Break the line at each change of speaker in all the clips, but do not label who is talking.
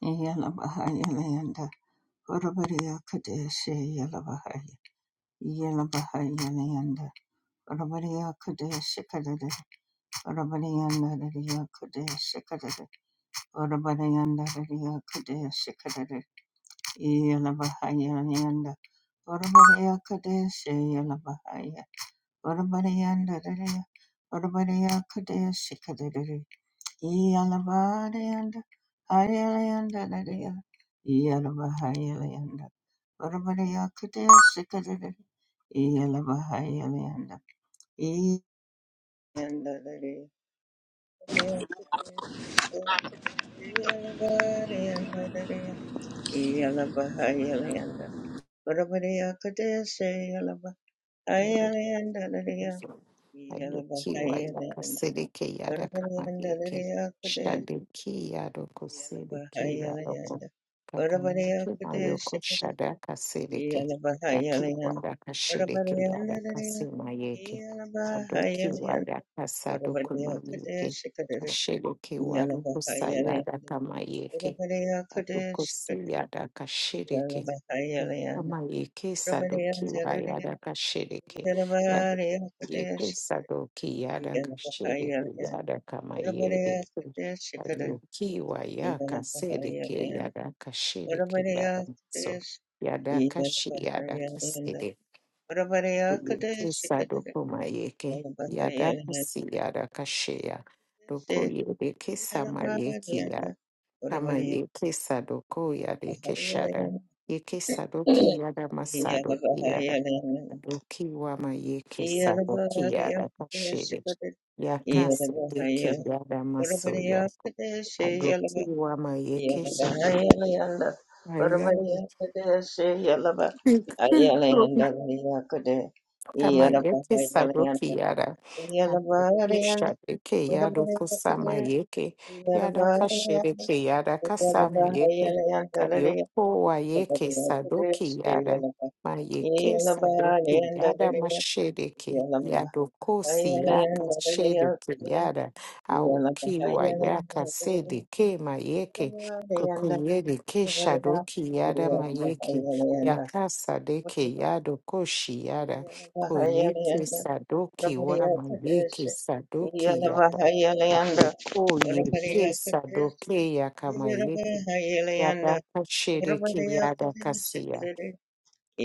Yalabahaya Layanda, Urabariya Kadeshi Yalabahaya, Yalabahaya Layanda, Urabariya Kadeshi Kadada, Urabariyanda Riya Kadeshi Kadada, Urabariyanda Riya Kadeshi Kadada, Yalabahaya Layanda, Urabariya Kadeshi Yalabahaya, Urabariyanda Riya, Urabariya Kadeshi Kadada, Iyalabariyanda, Hariyalayanda, Nadiya, Iyalabahariyalayanda, Varavariyakatiya, Sikadada, Iyalabahariyalayanda, Iyalanda, Nadiya, Variyakatiya, Sikadada, Iyalabariyanda, Nadiya, Iyalabahariyalayanda, Varavariyakatiya, Siyalabahariyalayanda, Nadiya,
Aliyokiwa
Iyalabahariyalayanda,
yakasereke
Varavariyanda,
yarakamanyeke
Nadiyakatiya,
shadeke yarokosereke yaroko
Yalabahayalayanda.
kakamike mayoko
Orabareyakadeshakadada.
shadakasereke yakiwa
Yalabahayalayanda.
rakashereke
Orabareyandadadaya.
yarakasemayeke adokiwa
Yalabahayalayanda.
yakasarokomayeke
Orabareyakadeshakadada.
kashereke warokosa
Yalabahayalayanda.
yarakamayeke adokose
Orabareyakadeshakadada.
yarakashereke
Yalabahayalayanda.
Kama yeke sadoki
Orabareyandadadaya.
wayada kashiriki yada kama yeke
Yalabareyakadeshakadada.
sadoki yada kashiriki
Yalabahayalayanda.
yada kama yede
Orabareyakadeshakadada.
ayoki waya kasedeke
Yalabahayalayanda.
yada kashiriki
Urabariya
yada so
Kadesh,
yada kashi yada
Yelabahayalanda.
kasede
Urabariya
yeke
Kadesh, Kadesh,
sadoko mayeke yada
Yelabahayalanda.
kasi yada
Urabariya
kasheya doko
Kadesh,
yede kesa
Yelabahayalanda.
kama
Urabariya
yeke sadoko yade keshada
Yelabahayalanda.
yeke sadoki yada masadoki yada adoki wama
Yelabahayalanda.
yeke sadoki
Yelabariya
yada
Kadesh,
kashiri kashede
Kadesh,
yakasedeki
Yelabahayalanda.
yada maso
Urabariya
yako
Kadesh,
adoki wama
Yeah.
yeke sadoki yada Kamayeke Saruki Yada Shadeke Yado Kusamayeke Yada Kashireke Yada Kasamayeke Kayoko Wayeke Sadoki Yada Mayeke Sadoki Yada Mashedeke Yado kosi Siyaka Shedeke Yada Aoki Wayaka Sedeke Mayeke Kokoyedeke Shadoki Yada Mayeke Yakasadeke Yado Koshi Yada Koyete
Yalabahayalayanda,
Sadoki,
Urabariya
Wamayeke
Kadeshi,
Sadoki Yaba,
Yalabahayalayanda,
Apriko
Urabariya
Yeke
Kadeshi,
Sadoki Yakamayeke
Yalabahayalayanda,
Yada, Kashiriki
Urabariya
Yada
Kadeshi,
kasiya.
Kadere,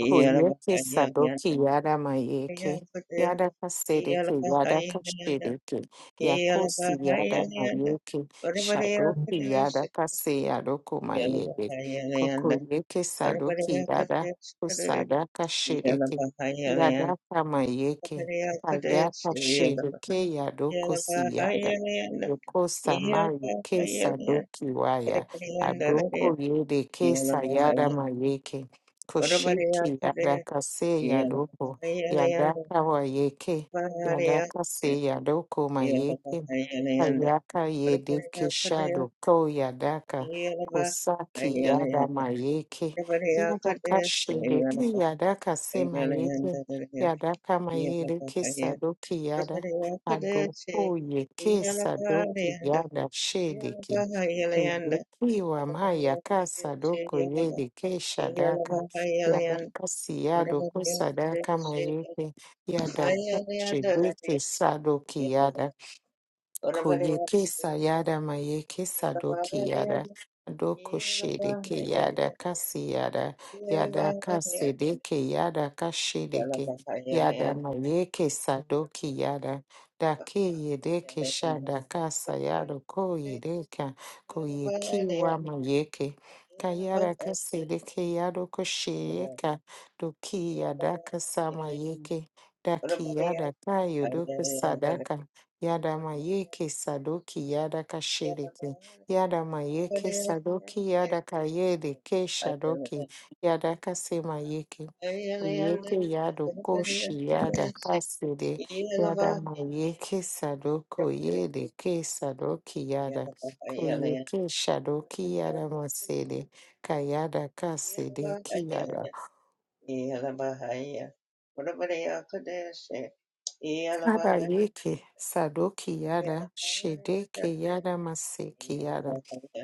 Koyeke Sadoki Yada Mayeke
Urabariya Kadeshi,
Yada Kasedeke Yada
Yalabahayalayanda,
Kashedeke Yakosi Yada
Yalabahayalayanda,
Mayeke
Urabariya
Shadoki
Kadeshi,
Yada Kase Yadoko Mayede
Yalabahayalayanda,
Kokoyeke
Urabariya
Sadoki Yada
Kadeshi, Kadere,
Kusada Kashedeke
Yalabahayalayanda,
Yada Kamayeke
Urabariya
Ayaka
Kadeshi,
Shedeke Yadoko
Yeah.
Siyada Yokosa Mayeke Sadoki Waya Adoko Yede Kesa Yada Mayeke Koshiki Yadaka se Yadoko Yadaka wa yeke Yadaka se Yadoko ma Mayeke Ayaka Yedeke Shado Ko Yadaka Kosaki Yada ma yeke Yadaka Shede ki Yadaka se ma yeke Yadaka ma Mayeke Sadoki Yada Adoko Yeke Sadoki Yada Shedeke Ikiwa maya kasa doko yele ke shadaka yadaka siyado ko sadaka mayete yadaka shebeke sadoki Kuyekesa yada mayekesa doki yada doko shedeke yada kasi yada yada kasedeke yada kashedeke yada mayekesa doki yada dake yedeke shada kasa yada ko yedeka kuyekiwa mayeke kayada kasedeke yada kosheyeka doki yada kasa mayeke daki yada kayo doko
Yeah.
sadaka Yada mayeke
Yeah.
sadoki yada kashedeke. Yada mayeke sadoki yada kayedeke shadoki. Yada kase mayeke. Yeke yado koshi yada kasede. Yada mayeke sadoko yedeke sadoki yada. Koyeke shadoki yada masede. Kayada kasede ki yada. Yada yeke sadoki yada shedeke yada maseki yada.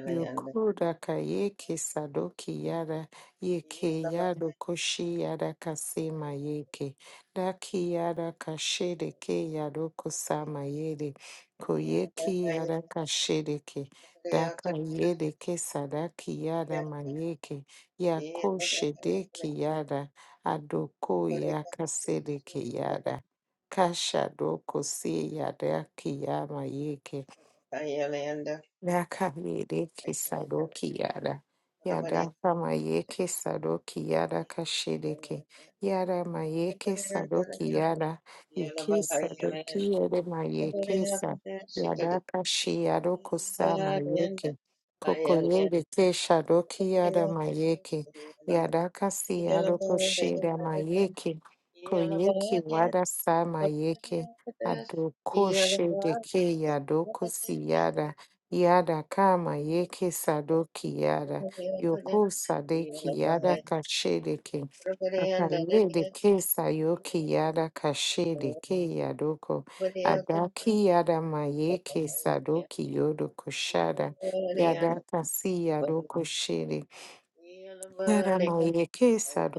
Yokoda kayeke sadoki yada yeke
Yeah,
yado koshi yada kasema yeke daki yada kashede ke yado kusama yede koyeki yada kashede ke daka yede ke sadaki yada mayeke yako shedeki yada adoko yaka sedeke yada kasha doko se yada ki yama yeke Daka kisadoki yada. Yada kama yeke sadoki yada kashedeke. Yada mayeke sadoki yada. Yeke sadoki yede mayeke sa. Yada kashi yado kusa mayeke. Koko yede ke shadoki yada
Yeah.
mayeke. Yada kasi yado koshida mayeke. Koyeki wada sa mayeke. Adoko shedeke yadoko siyada. Yada kama yeke sadoki yada yoko sadeki yada kashedeke kakayede kesa yoki yada kashede ke yadoko adaki yada mayeke sadoki yodo koshada yada kasi yadoko Yada maye kesa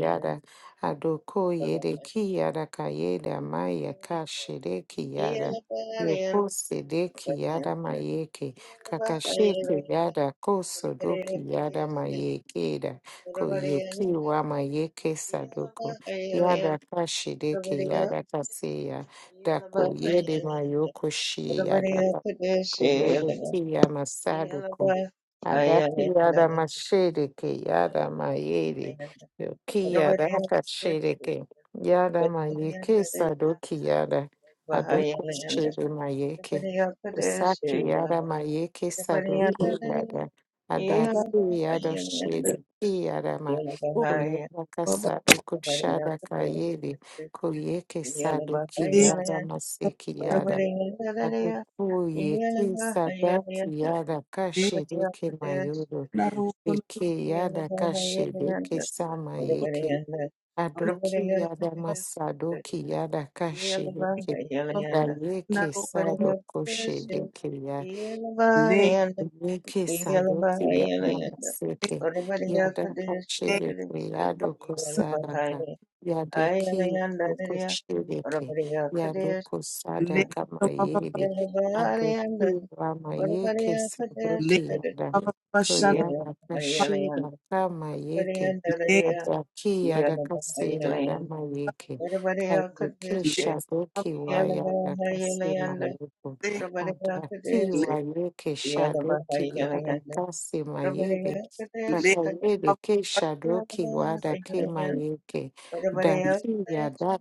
yada adoko yede ki yada kayeda maya kashede ki yada
Ila bariyan,
yoko sede ki
orabatan.
yada mayeke
Ila
kakashete
bahayalenda,
yada koso doki yada
orabariyakdeshe.
mayekeda
Orabariyanda
koyeki wa
bariyan,
mayeke
Ila
sadoko
bahayalenda,
yada kashede ki
orabariyak.
yada kaseya
Ila
dako yede
bahayalenda,
mayoko shi yada
orabariyakdeshe.
koyede
Ila
ki yama
bahayalenda,
Adaki yada mashiriki yada
Ila
mayiri
bahayalenda,
yuki
orabariyakdeshe. Orabariyanda
yada
bariyan,
akashiriki yada mayiki sadoki yada aduku
bahayalenda,
shiri mayiki
orabariyakdeshe.
usaki
Ila
yada mayiki
Lege
saduku
bahayalenda,
yada
Ila
adaki yada
bahayalenda.
shiriki yada ma
Yeah.
kuyada kasaduku shada kayiri kuyiki sadoki
lege
yada masiki yada Adukuye kisadati yada kashiriki mayuru
na roko
viki yada kashedeke sama
loko
yiki
na
aduki yada masaduki yada
lege
kashiriki
baba na
dayeki
roko
sado
lege
Yeke sadoki yadama seke yadaka
lege
shedeke yadoko sadaka yadeki yadoko
Ayalayandadadiya,
shedeke
Orabariyapadaya,
yadoko
Sikadadadiya,
lege
sadaka
baba baba
mayere
Yelavariyandas,
adoki rama yeke
Orabariyapadaya,
lege
sadoki yada
Sikadadadiya,
baba baba shana
koyadaka
ma
Yelavayalayanda,
shedaka mayeke
lege
Orabariyandaradiya,
adaki yadaka sede
Yelavayalayanda,
adama yeke
Orabariyapadaya,
kayeke
lege baba
shadoki wayadaka
Yelavayalayanda,
semayoko
lege
Orabariyapadaya,
Adakiwa yeke
Yelavayalayanda, Orabariyapadaya, Sikadadadiya,
shadoki yada
Yelavayalayanda,
kasi mayebe.
lege
Orabariyapadaya,
Takayebe
baba
ke
baba
shadoki wada ke mayeke.
lege
Daki yada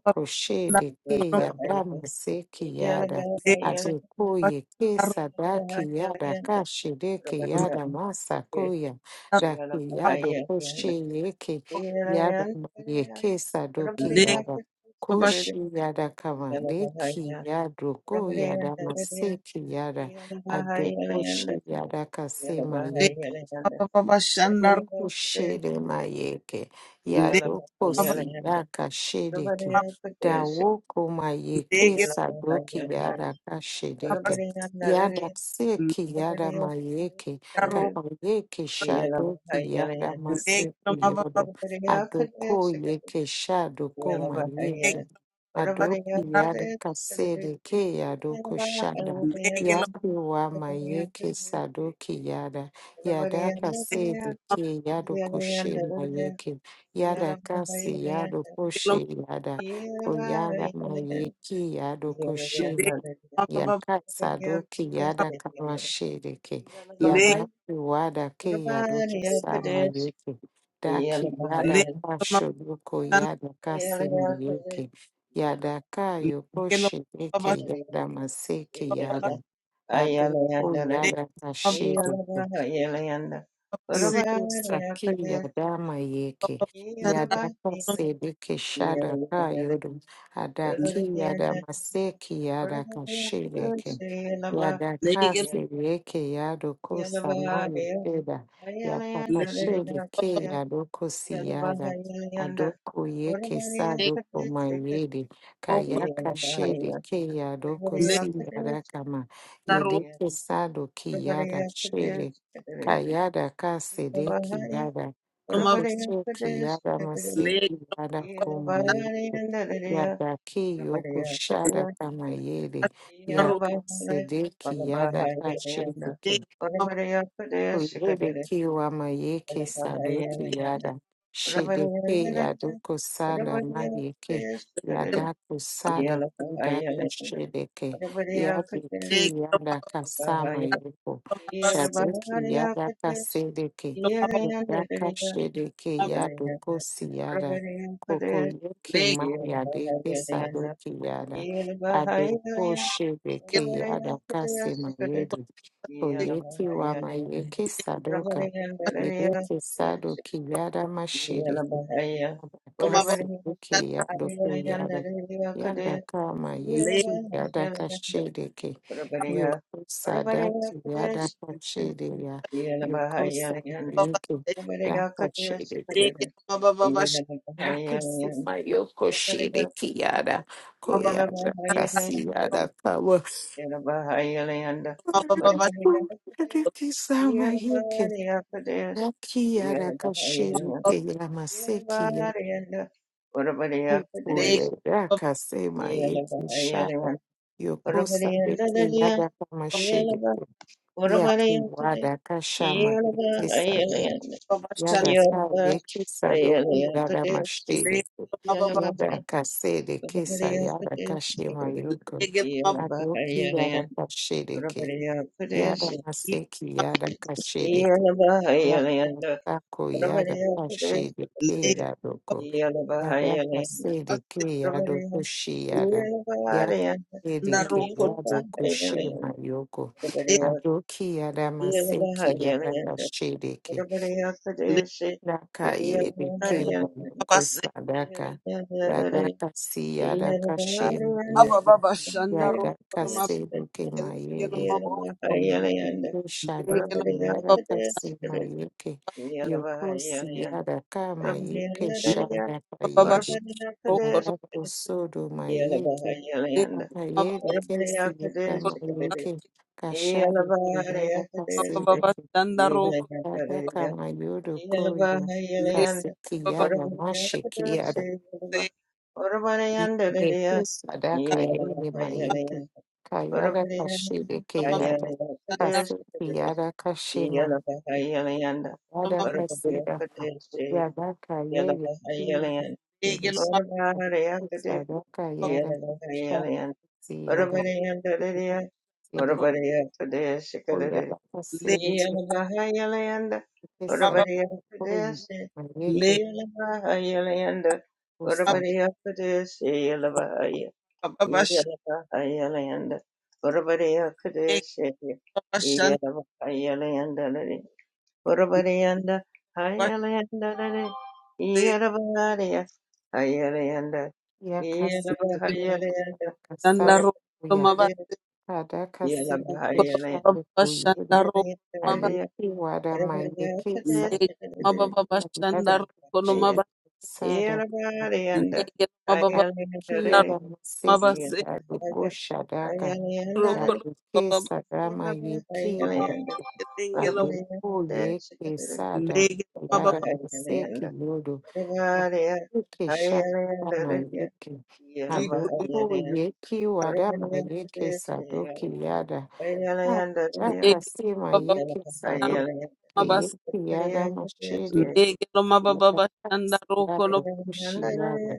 na
koshede ke
roko
yada maseki yada.
lege
Yelavayalayanda,
baba
Adekoye ke
shana
sadaki yada
Yolanda
kashedeke
Prabhakya
yada
Kirti
masakoya.
na roko
Daki yado
Yalabhaya
koshe yeke yada
Yalakiran Karya
mayeke sadoki
lege
Prabhaya
yada.
baba
Kirtikarari
Koshi yada kama deki
Yalabhaya
yado ko
Prabhaya
yada
Karya
maseki yada ado koshi
Yalabhaya
yada
Yalanda
kasema
bahaya
lege
Yalanda
baba baba shana
Prabhaya
Ukushere
Kirti
mayeke
lege
yadoko
Yalabhaya Yalanda Prabhaya Kirti Yalabhaya
baba
Yalanda Prabhaya
siyaka
Karya Prabhaya Kirtikarari Yalabhaya
shedeke
Yalanda
dawoko mayeke
lege
sadoki yada
baba
kashedeke yada seki
lege
yada mayeke
na roko
kakayeke shadoki yada
lege
maseki
baba
yodo
Prabhaya
adoko
Kirti
yeke shadoko
Yeah.
mayeke
Leg,
adoki yada kasedeke yadoko shada yaki wa mayeke sadoki yada Yadakase deke yadokoshe mayeke yadakase yadokoshe yada koyada mayeki yadokoshe la- yakasa doki yadakamashe deke yadaki wadake yadokisa mayeke daki yadakasho doko yadakase mayeke yadaka yokoshe deke yadamaseki yada adoko yadakashe deke
Yalabah, yalayanda. Urabah,
Yokosa ki
yakadesh.
yadama yeke.
Yalabah,
Yadaka
yalay-
sedeke shadaka
yalayanda.
yodum. Adaki
Urabah, yalanda.
yadama seki
Urabah,
yadaka
yakadesh.
shireke.
Yalabah,
Yadaka
yalanda.
sedeke yadoko
Yalabah,
samayo keda.
yalayanda.
Yapaka
Urabah,
shireke
yakadesh.
yadoko
Yalabah,
siyada.
yalayanda.
Adoko yeke
Urabah, yakadesh. Yalabah, yalanda. Urabah, yakadesh.
sadoko
Yalabah,
mayede. Kayaka
yakadesh. Yalabah, yalanda. Urabah, yakadesh.
shedeke yadoko siyadakama. Yedeke sadoki yada Kayada kasede kiyada kokoso kiyada mase kiyada
Yeah,
komaye yada kiyoko shada kamayede yakasede kiyada Kuyebe kiwa mayeke sadoki yada. Shedeke yadoko sada mayeke. Yadako sade kudako shedeke. Yadeki yada kasama yoko. Shadeki yada kasedeke. Yadaka shedeke yadoko siyada. Koko yoki mayadeke sadoki yada. Adoko
Yalabahayalaya,
shedeke
Rabaraya
yada
Kutaya
kasema
Sikada,
yedu. Koyeti wa
Yalabahayalaya,
Mayeke Sadoka,
Rabaraya Daraya,
Vedete Sado Kiyada Mashede
Yalabahaya,
Kiyadaka
Rabaraya
Sebuke Yado
Ayalaya Daraya Kudaya,
Koyada, kama yeki yada
Yalabahayalaya,
Shedeke,
Rabaraya,
Yoko Sada
Rabaraya Kutaya
Kiyadaka
Sikada,
Shede Ya, Yoko
Yalabahayalaya,
Samayeke
Rabaraya
Daka
Kutaya Sikada,
Thank
Shedeke, Daka
Yalabahayalaya,
Sumayoko
Rabaraya
Shede
Kutaya,
Kiyada, Koyada kasi
Yalabahayalaya,
yada Kawa.
Yarabahayalayanda,
you.
Varavaridakadaya,
Yoko sama yeke.
Yarabariyakadayas,
Akiara
Yarabahayalaya,
kashirite ya maseki ya
Yarabariyanda,
kuku
Varavariyakadayas,
ya raka sema yeki shara
Yarabahayalayanda,
yokosa beke
Varavariyandadaya,
yada kama
Yaraba,
shirite ya
Varavariyakadaya,
kiwada kashama yeki sado
Yarabahayalayanda,
yada sa yeki sado ki yada
Yarabahayalayakadayas,
mashirite
Yarabahay,
yada kasede kesa yada
Varavariyakadayas,
kashima yoko
Yarabahay,
adoki yada
Yarabahayalayanda,
kashirike
Varavariyakadayas,
yada maseki yada kashirike
Yarabahayalayanda,
Yadasako
Rabariya kadesh,
yadakashede ke
kadesh,
yadoko.
Yalabahayalayanda
Yadakasede ke
Rabariya
yadoko she yada.
Yalabahayalayanda
Yakasede ke yadoko she
Yalabahayalayanda
mayoko.
Rabariya
Adoki yadamaseki
Yalabahayalayanda
yadakashede ke.
Rabariya kadesh,
daka yede ke
Yalabahayalayanda
mayoko sadaka.
Yalabahayalayanda
Yadaka si yadaka she
Yalabahayalayanda
mayeke.
Rabariya kadesh, Yalabahayalayanda Rabariya
Yadaka
kadesh.
sede ke mayede. Mayuki
Yalabahayalayanda
Shadow Yada Kasi Mayuki Yokosi Yada Ka Mayuki Shada Payedi
Rabariya Kadesh
Yada Kosodo Mayuki
Yelabahayalayanda.
Payedi Kesi Yada
Whatabodiyakadeshikadede.
Mayuki Kashado Yada Kasi
Yelabahariyakadeste.
Yada
Yelayakadeleya.
Kamayodo Koya
Yelabahayalayanda.
Kaseki Yada Mashiki
Whatabodiyakadeshe. Yelaba- Whatabodiyandeleya.
Yesu sadaka yele mayeke
Yelabahayalayanda.
kayara kashire keyara kase
Whatabodiyakadeshikadede.
kiyara kashe mayeke
Yelabahayalayanda.
kayara kasira
Whatabodiyakadeshe.
yara kayere kiyara
Yelabahayalayanda.
kashire
Whatabodiyakade-
sadaka yara kashire
Yelabahayalayanda.
kiyara
Orabariyandarariya,
kashire
Orabariyapadaya
ko
Sikarari,
yara
le
kasire
Yalabahayalayanda,
kiyara
baba
sadaka koyi
Orabariyapadayasi,
le
mayeke
Yalabahayalayanda,
baba
kusa
Orabariyapadayasi, Yalabahaya,
baba shande
Yalabahayalayanda, Orabariyapadayasi,
baba shanda
Yalabahayalayandalari, Orabariyanda, Hayalayandalari,
baste
Yalabahariya, Hayalayanda,
yakasire kiyara
Yalabahayalayanda,
shanda
kasara
ro maba
yeah.
Adakasiri keshari
baba
kuyuri
shanda ro maba
ayiki warama yeki
le
sari
baba baba shanda
ayada
ro
kashiri
maba
sara
le baba
ayiki
baba
yarama
maba
seki
se
yaruko shadaka
ro baba
yaruke
baba
sarama yeki yaraka
tengelo
adoku yeki
le
sada
baba
yada
baba
maseki yodo ayiki shara kama yeki
le
adoku yeki warama yeki sadoki yada Akasema
baba
yeke sado
maba
ke yeke yaga
Yeah.
mashere
le baba
yaga
baba shanda
kasi
ro
yaga kushi yaga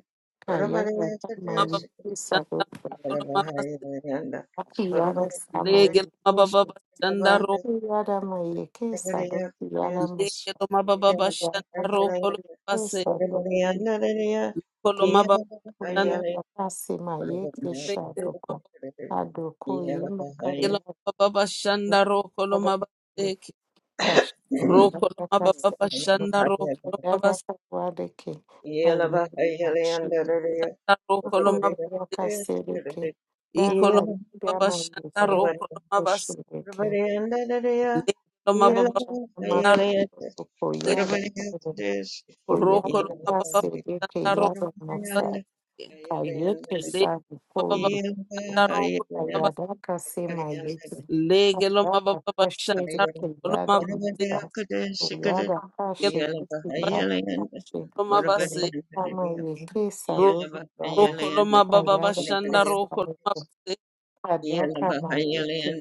ka yaga sama
maba
yeke sado
shanda ro maba
aki yaga sama
Lege
yeke
baba
shi
baba shanda ro
yeke yaga ma yeke sado ki yaga
lege
mashere
loma baba baba
yaga
shanda ro
ka
kolo baba
yeke
se
sado ki
kolo
yeke
baba
ko
shanda
yaga kasi ma yeke
lege
shado
loma
ko ado ko yema ka
lege loma
yaga
baba baba shanda ro kolo baba se ke.
Kayeke
ro kolo baba baba shanda ro kolo baba shanda ro kolo baba se i kolo baba shanda
Yeah.
ro kolo baba se lege loma baba baba shanda ro se ro kolo baba baba shanda ro baba se lege
sabe,
loma baba baba shanda ro
Ayadaka sema yetu.
Lege lo
Ayadaka
mababa
kashe
bashanda
deke
roko lo
yada
mabase
misa. Ayada
lege
kashe deke
lo mabase
yada kashe.
lo mabase
Yada kama yeke
ro-
sadogo yada.
roko lo mababa
Ayada
bashanda
kasa
roko lo
yeke.
mabase
Adaka ma yeke.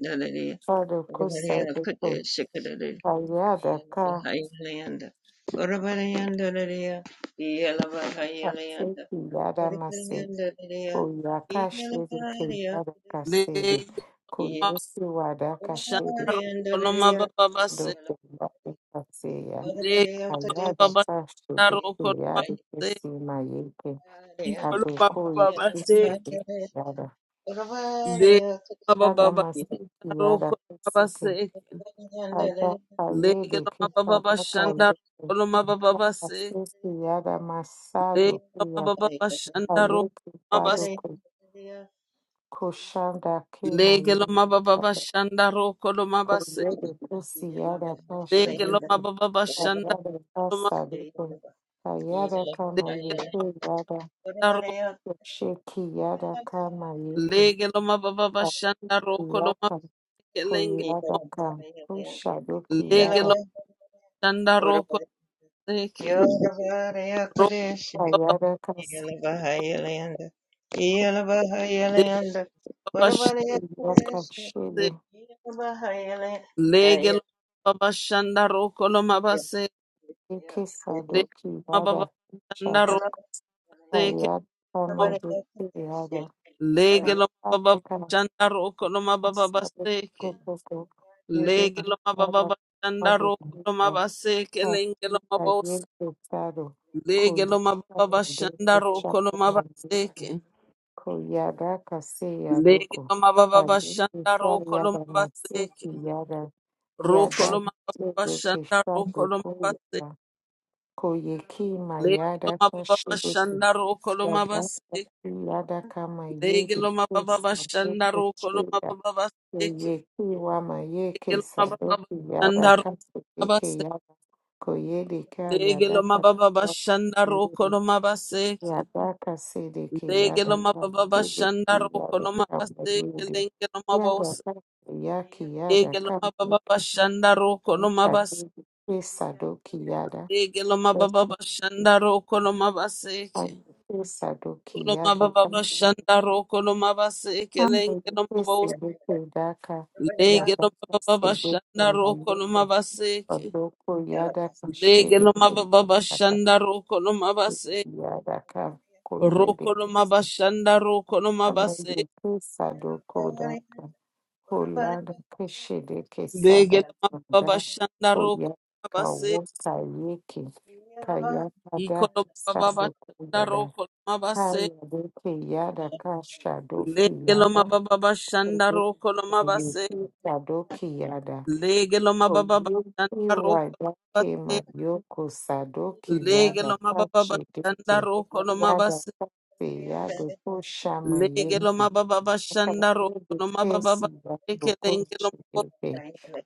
Sado kosa yeko. Ayada ka
Yelabahayalayanda, Orabalayandadadaya,
kase
Yelabahayalayanda,
yada mase.
Orabalayandadadaya,
Oyaka shede ke
Yelabahaya,
yada
lege lo
kasede.
Ye-
mababa
Koyesi wada
bashanda
kashede.
roko lo
Orabalayandadadaya,
mababa base
Yelabahaya,
Dokubakasea,
lege
Orabalaya
lo
Ayada
Kadesh,
mababa
Sashu
bashanda roko lo
Bikuyadi
Yelabahayalayanda,
mabase
Kisi Mayeke,
ifo lo mababa
Abukoyu
base
Kisi
lege
Yelabahaya,
Yada,
lo mababa bashanda
Orabalaya Kadesh, Yelabahaya, Orabalayandadadaya,
Yada Masiki
roko
Yada
lo
Kisiki,
mabase
Aja
lege
Kayede
lo mababa
Kisa Baka
bashanda roko
Yeke,
lo mababa base
Kasisi
Yelabahaya,
Yada Masadu
lege lo
Kuya
mababa bashanda roko lo
Kayeke
mabase
Kwado
Orabalaya, Orabalaya,
Kushanda Kima
Lege lo mababa
Yeke,
bashanda roko lo mabase.
Cordeiro Cruciada
Lege lo
Pachelica,
mababa bashanda
Caiada
roko lo
Passalico, Caiada
mabase.
Camayuki, Yada Sheki Yada Kamayuki,
Lege lo mababa bashanda roko lo
Yata
mabase. Lenge lo
Koyada Ka, Kushaduki
Lege
Yada,
lo mababa roko
Yeah.
leke. Roko baba
Caiada Kas,
lege baba
Yaka
shande.
Shili,
Lege lo mababa bashanda roko lo mabase.
Yuki
Lege lo
Saduki
mababa
Yada,
bashanda
Shaduk,
roko leke.
Caiada Kamaduki
Lege lo mababa
Yada,
bashanda roko lo mababa
Asabet
baseke.
Kofoko, Yede
Legeloma baba
Kusada
bashanda
Ado Kuka,
rokoloma baseke
Aki
lengeloma
Aye
bosa.
Kosado, Koya
Legeloma baba
Kaya
bashanda
Doko Chaka
rokoloma
Mazeki,
baseke.
Koyada Kase Yadoko,
Legeloma baba
Kaye
bashanda
Kusa
rokoloma
Yada Maseki
baseke.
Yada, Yada
Rokoloma baba
Kuse
bashanda
Kesado
rokoloma baseke.
Koya, Koyeki
Legeloma
Mayada
baba
Kashibeki,
bashanda rokoloma
Yada
baseke.
Kasi Yada kama yedi
Legeloma baba
kusa
bashanda
Doko
rokoloma baba baseke.
Koyeki wama yeke
Legeloma baba
sadoki yada
bashanda rokoloma
kasu yeke
baseke.
yada koyede ka yada
Legeloma baba bashanda
kasu
rokoloma baseke.
yada kasede ke yada
Legeloma baba
kasede
bashanda
ke
roko
yada
loma
kama
base
yede
legeloma
yada
bose
kasu yaki yada
legeloma
kama
baba
yeke
bashanda roko loma base
kadede ke sadoki yada
legeloma baba
kasa
bashanda roko loma base
ke sadoki
legeloma
yada
baba
kasu
bashanda roko loma base
kama yeke
legeloma bose
sede ke daka yada
legeloma baba
kasede
bashanda roko
ke
loma base
Odoko yada kashiri
legeloma baba
kudaka
bashanda roko loma base
yada kakoyede
roko loma
kesa.
bashanda roko loma base
Amayo kesa doko daka kolada keshede kesada
legeloma baba
kada
bashanda roko
koyada kawosa yeke kayada daki sado koyada
Ikolomababashandarokolomabase.
kayade keyada kashado kiyada koyede
Yeah.
Legelomabababashandarokolomabase.
kayoke sadoki yada Oyuki Wadake
Legelomabababashandarokolomabase.
Mayoko Sadoki Yada Kachideke Yada
Legelomabababashandarokolomabase.
Kase Yada Koshama Yeke Yada
Legelomabababashandarokolomabababase.
Kesi Yada Koshideke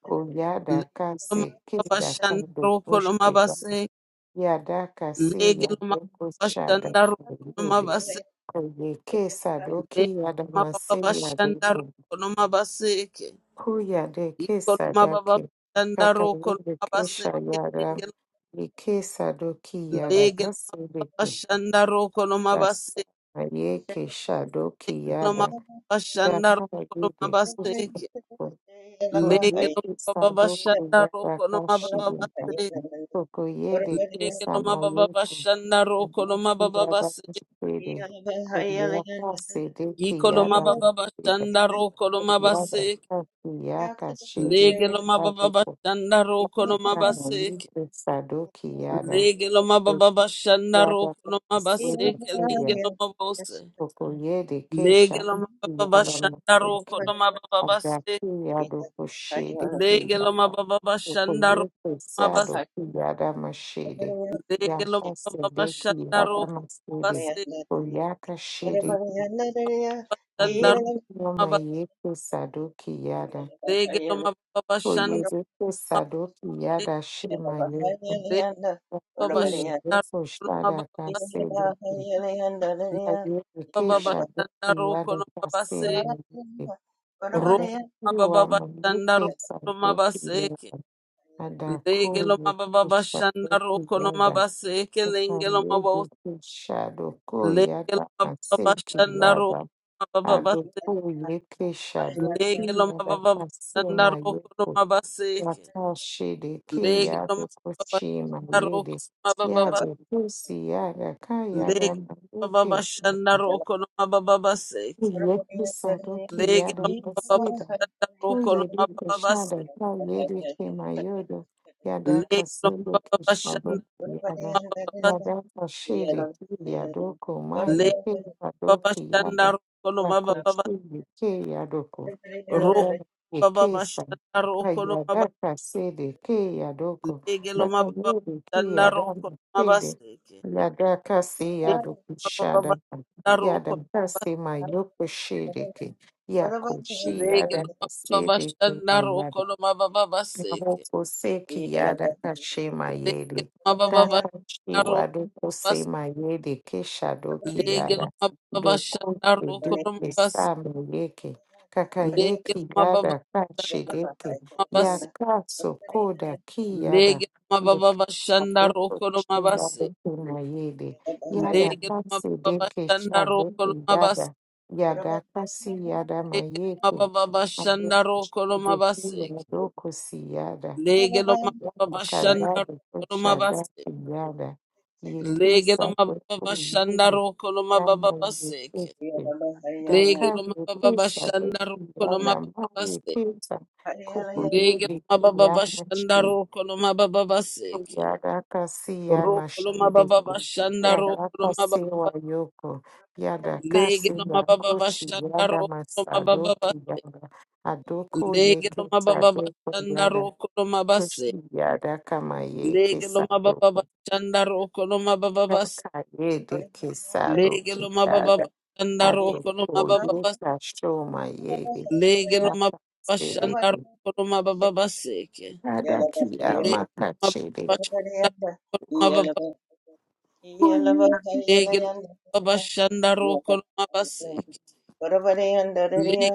Oyada
Kelengelomo-
Kase Kida Kado Koshida
Legelomabababashandarokolomabase.
Yada Kase Yada Koshada Koyede
Legelomabababashandarokolomabase.
Oyeke Sadoki Yada Mase Yado
Legelomabababashandarokolomabase.
Kuya de kesa
Ikoloma baba
daki.
shanda roko
Kakayede
loma
kesha
baseke
yada.
lingelo
Ikesa doki yada.
lege loma baba
Kasudeke.
shanda roko loma
Kasa.
baseke
Aye kesha doki
loma
yada.
baba shanda
Daka
roko loma
yede kusha.
baseke lege
Koye
loma
kesa
baba
doku
shanda
yada
roko loma
kashi
baba
yada.
baseke
Kokoye de
lege
kesa
loma baba
mayete.
shanda roko loma
Adaki
baba
yada kushpede. Koye kase deki yada.
Yeah.
Yada kasi
Yeah.
yaka shede. Kama yuko Sadoki yada
Lege lo
Doki
mababa shanda
yada
roko lo mabase
Kasede
kelenge
Teria
lo mabose.
Okoyede
Lege
Kesha
lo mababa
yada
shanda roko lo
Madoki
mababa se.
Agaki yada Koshede
Lege lo
Kiyada
mababa shanda roko
Okoyede
lo mabase.
Sado Kiyada Mashede
Lege lo
Yaka
mababa
Sedeki
shanda
yada
roko lo
Masede
mabase.
Koyaka Shede
Leba shanda roko
Adoki
lo
Yoma
mabase.
Yeko Sadoki yada
Lege lo mababa shanda
Koyede Sadoki
mabase.
yada Shema Yeko
Lege lo mababa shanda roko lo mababa.
Hey, Yesu Shada
Leba
Kasede, Ayuke
baba
Shabuki
shanda roko
Yada
lo mabase.
Kasema
Thank
Yuke,
Roko
Adaki
lo
wa
mababa shanda
Mayuke
roko lo
Sabuki
mabase.
Yada, Adako
Legelo mababa
Yuku
bashanda
Shabuki
roko no
Yada,
mabaseke lengelo mabos.
Ayuke Shadoko
Legelo
Yada
mababa
Kaseki
bashanda roko
Yada,
no mababa
Adoko Yuke
Legelo
Shadoki Yada
mababa bashanda
Kasema
roko no
Yuke
mabaseke.
yakashiriki
Legelo
yade
mababa
kushima
bashanda roko no
yede
mababa
yade
base.
kusi yada kayada
Legelo mababa
maluke
bashanda roko no mababa
Kuyedi
Legelo
Sadoki
mababa
Yada
bashanda
Kaseda,
roko no
Kuyedi
mababa
Kishada, Kuyedi Kimayodo, Yada
Legelo
Kasedo
mababa
Kishado
bashanda mababa Legelo mababa
Yada, Yada Kashede Kiyadoko Mayi Kadoki
bashanda
kiyada
roko no mababa
Dakochi Ke Yadoko, Yada
baba
Ekesa,
bashandaro okoloma
Kayada Kasede Ke Yadoko,
baseke loma baba
yedi
bashandaro
Kiyada
okoloma
Kede,
baseke
Yada Kasi
baba baba
Yadoko
okoloma baseke
Yadakasi my
you.
yokoshiriki.
Thank
Yakoshi
loma basilege loma baba
yadakasi
bashandaro okoloma baba baseke
Nabokoseki yadakashemayede.
leke loma baba bashandaro okoloma bas
Dakashiwadokosemayede
leke
keshadokiyada.
loma baba bashandaro okoloma
Dokokedekesamayeke. Kakayeki yada kashedeke.
bas
Yakasokoda kiyada.
leke loma baba bashandaro okoloma bas
Dokosadokochiyadokemayede. Yada kasedeke
leke loma baba bashandaro okoloma bas leke loma baba bashandaro
shadoke
okoloma
yada.
bas
kunayede. Yada kase deke sha deke yada. Yada kasi yada
Legelo
mayeke.
mababa bashandaro koloma
Doko siyada, kayada koshada siyada, yekesa doko yule yana yekese, daka yekesa doko yana ma yekesa, kuko yede yana shede, yada kasi yana shede, yada kasi wa yoko, yada kasi na kochi, yada masadoki yada, adoko yekesa doko yada. Yada kama ye
Legeloma
kesado
baba chandaro koloma baba bas.
yaka ye de kesado
Legeloma baba
kiyada
chandaro
ado
koloma
o
baba
ye
bas.
you.
kashoma ye de
Legeloma
yaka
baba
sede
chandaro koloma baba baseke.
yada kiya maka
Legeloma
chede
baba chandaro koloma baba. Legeloma baba chandaro koloma baseke.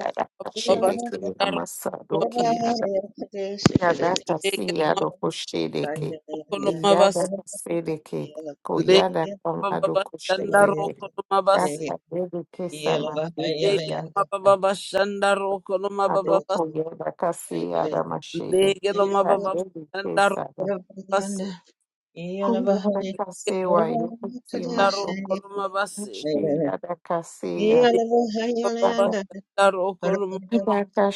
yada
baba
kashede kiya
chandaro
masado
koloma
kiyada yada
bas. Legeloma
kasiya do koshede ke
baba chandaro koloma bas.
yada kasede ke
Legeloma
koyada kamado
baba
koshede
chandaro
ke
koloma bas.
yaka ye de kesama ye kiyada
Legeloma baba chandaro koloma baba bas.
Adolfo Guerra Cassia da Machete,
Legelo mababa
Adele
ndaro
Pesada,
basi.
Julia
Yeah.
da
Legelo
Casewa, Yopusima,
Yeah.
Doko,
koloma basi.
Machia da Cassia,
Legelo mababa
Ada,
ndaro koloma.
Ada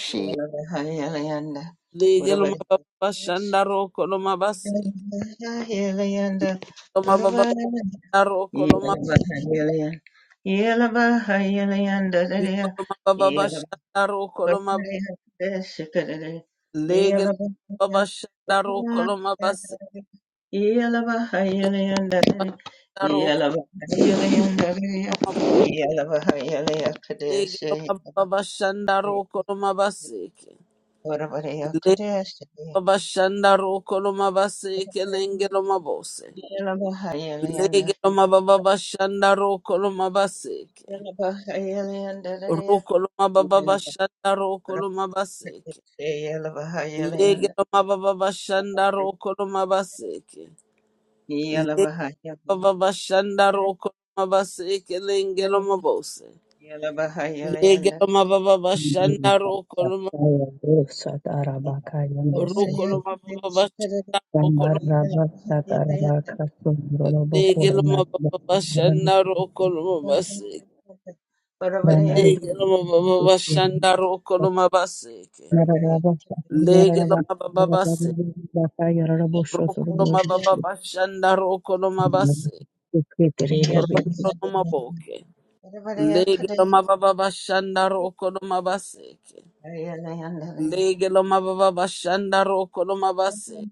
Legelo mababa shandaro koloma basi. Legelo mababa ndaro koloma. Legelo mababa shandaro koloma. Legelo mababa shandaro koloma basi. Legelo mababa shandaro koloma basi. Legelo mababa shandaro koloma basi. Legelo mababa ndaro koloma basi.
Yeah.
Legelo mabose. Lege loma baba bashanda roko loma baseke. Roko loma baba bashanda roko loma baseke. Lege loma baba bashanda roko loma baseke. Lege loma baba bashanda roko loma baseke lenge loma bose.
Yala bahaya la
Lege
yanda
loma baba bashanda roko loma
kala bahati.
roko
Parvariya
loma
kate
baba bashanda roko loma
bahaya yanda kala
Lege
bahati.
loma baba bashanda roko loma baseke.
Parvariya yanda
Lege loma shanda bashanda
Yes,
roko loma baseke.
parvariya
Lege lo mababase, roko lo mababashanda, roko lo mabase,
bahaya la yanda
roko lo
Yala
maboke. Lege
yanda kala
lo mababashanda, roko lo mabaseke. Lege lo mababashanda, roko lo mabase.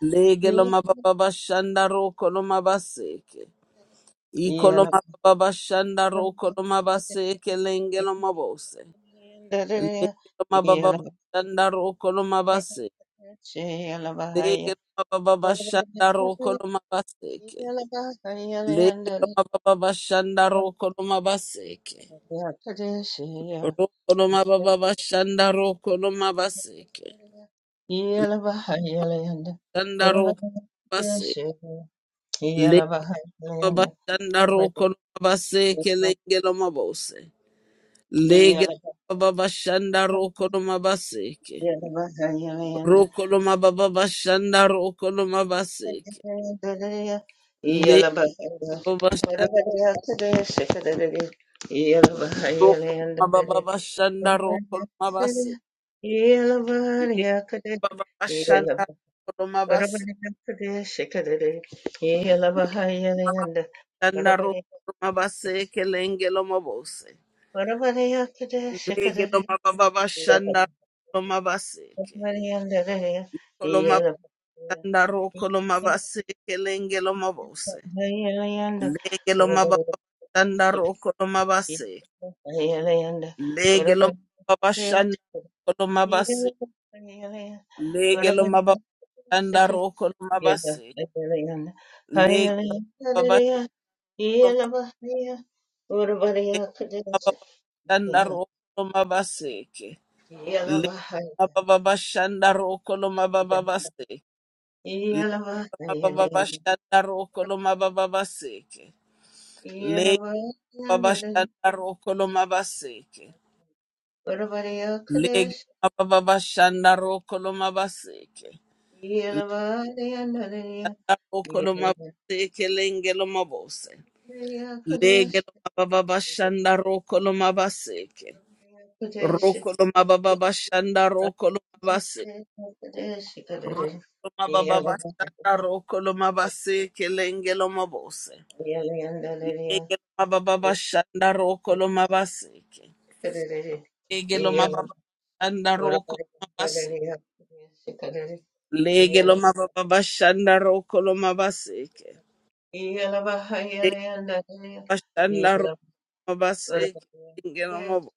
Lege lo mababashanda, roko lo mabaseke. Iko lo mababashanda, roko lo mabaseke, lenge lo mabose. Lege lo
bahaya.
mababashanda, roko lo mabase.
Yellow,
Lege lo mababashanda, roko lo mabaseke. Legelo mababa shanda roko no mabaseke. Roko no mababa shanda roko no mabaseke.
Bahayalanda,
Shanda roko mabaseke. Le mababa shanda roko no mabaseke legelo mabose. Legelo mababa shanda roko no mabaseke. Roko no mababa shanda roko no mabaseke. Le mababa shanda roko no mababa
Yeah.
shanda roko no mabaseke. Le mababa shanda roko no mabaseke. Shanda ro mabase kelenge lo mabose. Ndege lo mababa shanda lo mabaseke. Kolo ro kolo kelenge lo mabose. Lege lo mababa shanda ro kolo mabase. Lege lo mababa shanda kolo mabase. Lege lo shanda ro kolo
Yeah.
Lege lo shanda ro kolo mabaseke. Rokolomababashanda rokolomabaseke. Roma baba bashanda roko loma base kelenge loma bose.
Yeah.
Lege loma baba bashanda roko loma baseke. Lege loma baba shanda roko loma base. Lege loma baba bashanda roko loma baseke. Lege loma shanda roko baseke. Lenge loma bo-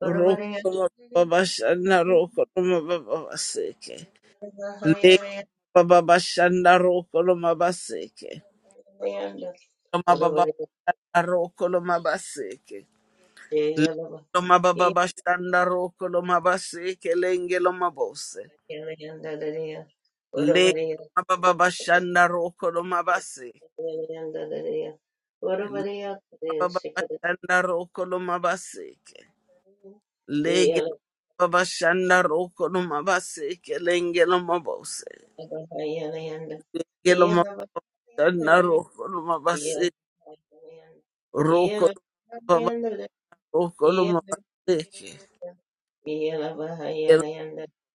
roko loma baba bashanda roko baseke. Lege baba bashanda roko loma baseke. Loma baba roko loma baseke. Lelo mababa bashanda roko lo mabase kelenge lo mabose. Lelo mababa bashanda roko lo mabase.
Yeah.
Lelo mababa bashanda roko lo mabase. ke. Lege lo mababa bashanda roko lo mabase kelenge lo mabose. Lege lo mababa bashanda roko lo mabase. Roko lo mababa roko lo mabase. Lelo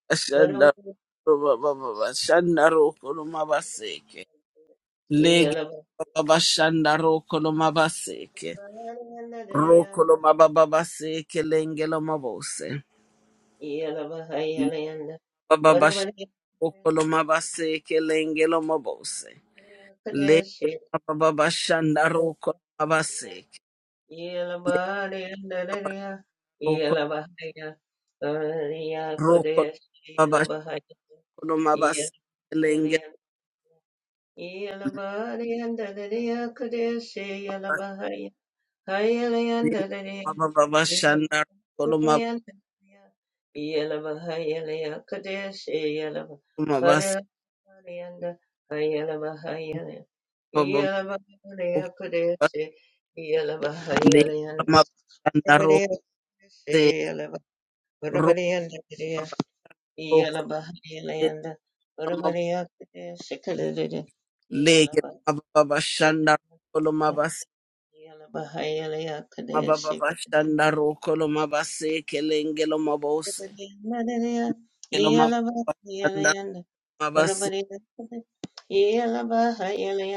bashanda lo mababa bashanda roko lo mabase. Lege babashanda rokolo mabaseke. Rokolo mabababaseke lengelo mabose. Bababashokolo mabaseke lengelo mabose. Lege bababashanda rokolo mabaseke. Rokolo rokolo babashokolo
Yelabari
mabaseke lengelo mabaseke. Bababashanda
Yellow,
rokolo mabaseke. Bababashanda rokolo mabaseke. Lege mababa shanda kolo mabase mababa shanda ro kolo mabase kelenge lo mabose
Yelabahaya
kelo mababa shanda mabase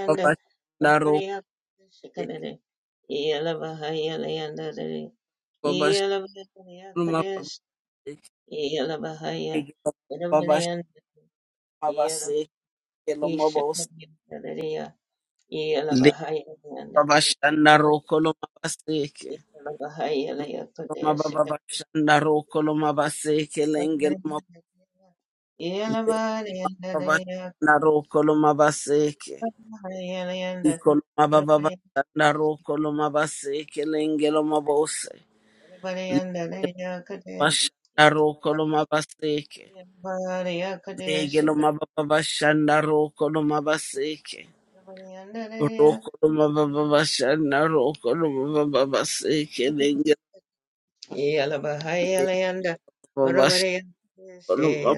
mababa shanda ro mababa shanda mabase lege mababa shanda mabase kelo mabose le mababa shanda ro kolo mabase ke mababa shanda ro kolo mabase kelenge lo mabose le mababa shanda ro kolo mabase
Everybody and the
Ikoloma baba
everybody
bashanda ro koloma baseke lengelo mabose.
everybody and the lady
Lengelo
could
bashanda ro koloma baseke.
everybody could
Lengelo
ship it
mababa bashanda ro koloma baseke.
everybody and the lady
Ro koloma baba bashanda ro koloma baba baseke lengelo
yellow behind
baba bashanda
everybody say.
koloma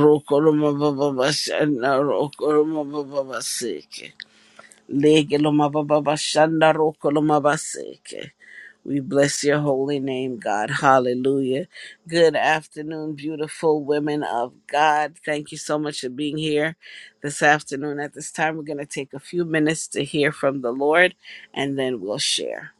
ro koloma baba bashanda ro koloma baba baseke. Lengelo mababa bashanda ro koloma baseke. We bless your holy name, God. Hallelujah. Good afternoon, beautiful women of God. Thank you so much for being here this afternoon. At this time, we're going to take a few minutes to hear from the Lord and then we'll share.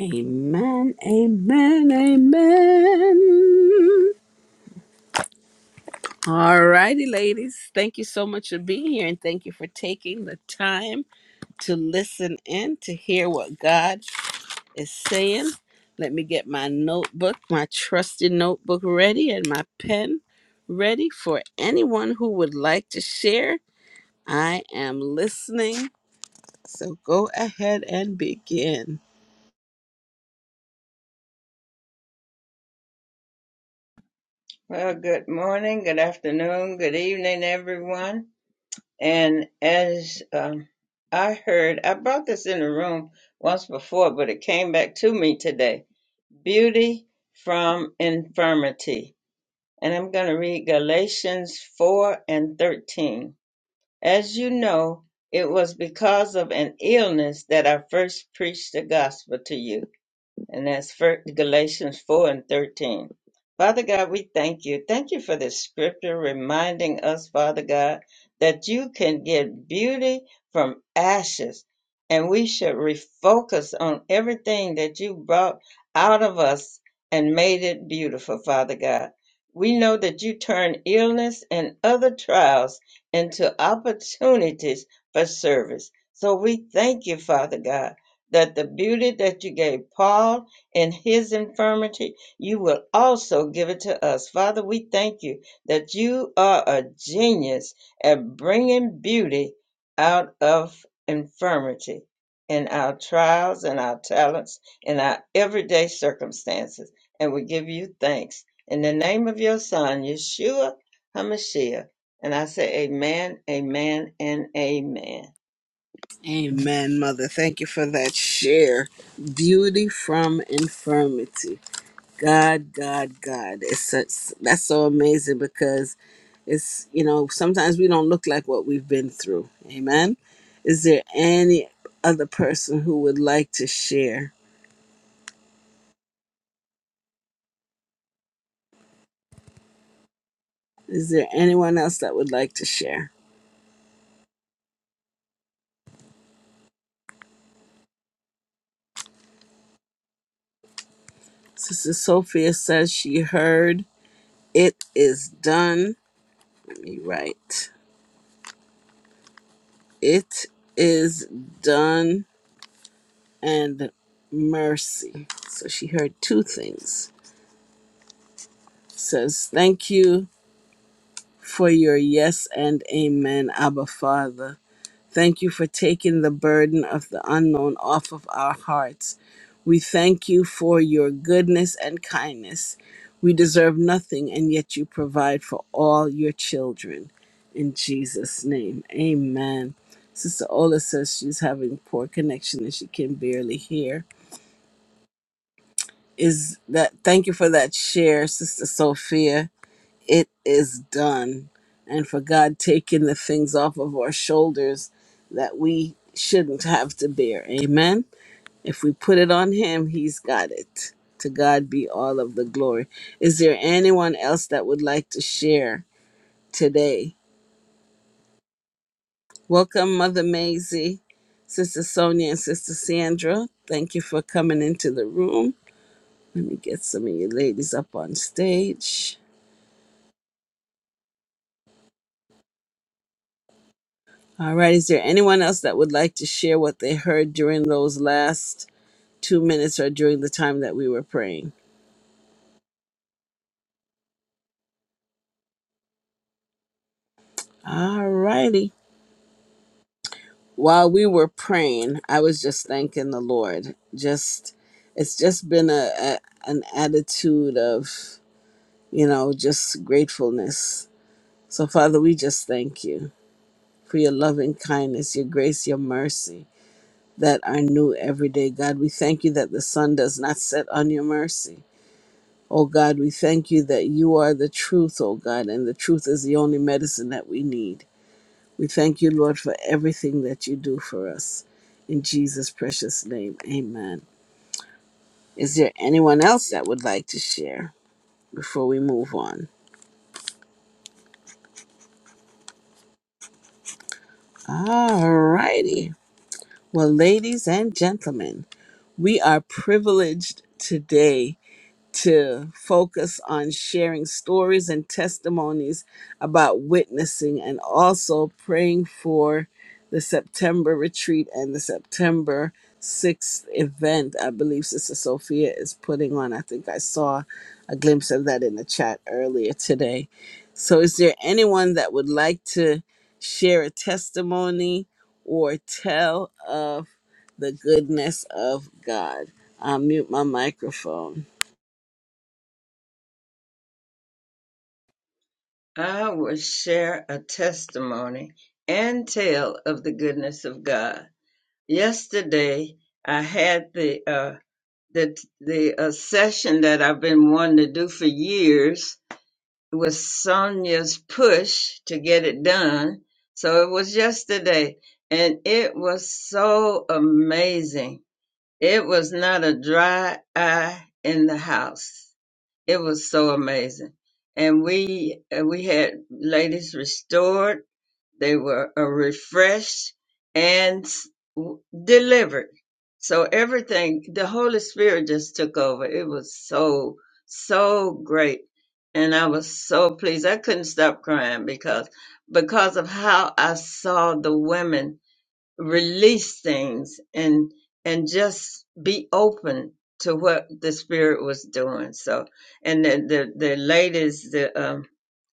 Amen. Amen. Amen. All righty, ladies. Thank you so much for being here and thank you for taking the time. to listen in to hear what God is saying. Let me get my notebook, my trusty notebook ready, and my pen ready for anyone who would like to share. I am listening. So go ahead and begin.
Well, good morning, good afternoon, good evening, everyone. And as um, I heard, I brought this in the room once before, but it came back to me today. beauty from infirmity. And I'm going to read Galatians 4 and 13. As you know, it was because of an illness that I first preached the gospel to you and that's fir- Galatians 4 and 13. Father God, we thank you. Thank you for this scripture reminding us, Father God, that you can get beauty from ashes, and we should refocus on everything that you brought out of us and made it beautiful, Father God. We know that you turn illness and other trials into opportunities for service. So we thank you, Father God that the beauty that you gave Paul in his infirmity, you will also give it to us. Father, we thank you that you are a genius at bringing beauty out of infirmity in our trials and our talents in our everyday circumstances. And we give you thanks in the name of your son, Yeshua HaMashiach. And I say amen, amen, and amen.
Amen, Mother. Thank you for that share. Beauty from infirmity. God, God, God. It's such that's so amazing because it's you know sometimes we don't look like what we've been through. Amen. Is there any other person who would like to share? Is there anyone else that would like to share? Sister Sophia says she heard it is done. Let me write. It is done and mercy. So she heard two things. Says thank you for your yes and amen, Abba Father. Thank you for taking the burden of the unknown off of our hearts. We thank you for your goodness and kindness. We deserve nothing, and yet you provide for all your children. In Jesus' name, amen. Sister Ola says she's having poor connection and she can barely hear. Is that thank you for that share, Sister Sophia? it is done. And for God taking the things off of our shoulders that we shouldn't have to bear. Amen. If we put it on Him, He's got it. To God be all of the glory. Is there anyone else that would like to share today? Welcome, Mother Maisie, Sister Sonia, and Sister Sandra. Thank you for coming into the room. Let me get some of you ladies up on stage. All right. Is there anyone else that would like to share what they heard during those last two minutes or during the time that we were praying? All righty. While we were praying, I was just thanking the Lord. Just, it's just been a, a an attitude of, you know, just gratefulness. So, Father, we just thank you for your loving kindness, your grace, your mercy that are new every day. God, we thank you that the sun does not set on your mercy. Oh God, we thank you that you are the truth, oh God, and the truth is the only medicine that we need. We thank you, Lord, for everything that you do for us. In Jesus' precious name, amen. Is there anyone else that would like to share before we move on? All righty. Well, ladies and gentlemen, we are privileged today to focus on sharing stories and testimonies about witnessing and also praying for the September retreat and the September 6th event. I believe Sister Sophia is putting on. I think I saw a glimpse of that in the chat earlier today. So, is there anyone that would like to share a testimony or tell of the goodness of God? I'll mute my microphone.
I will share a testimony and tell of the goodness of God. Yesterday, I had the uh, the the uh, session that I've been wanting to do for years It was Sonia's push to get it done. So it was yesterday, and it was so amazing. It was not a dry eye in the house. It was so amazing. And we uh, we had ladies restored. They were uh, refreshed and s- w- delivered. So everything, the Holy Spirit just took over. It was so so great, and I was so pleased. I couldn't stop crying because because of how I saw the women release things and and just be open to what the spirit was doing so and the the, the ladies the um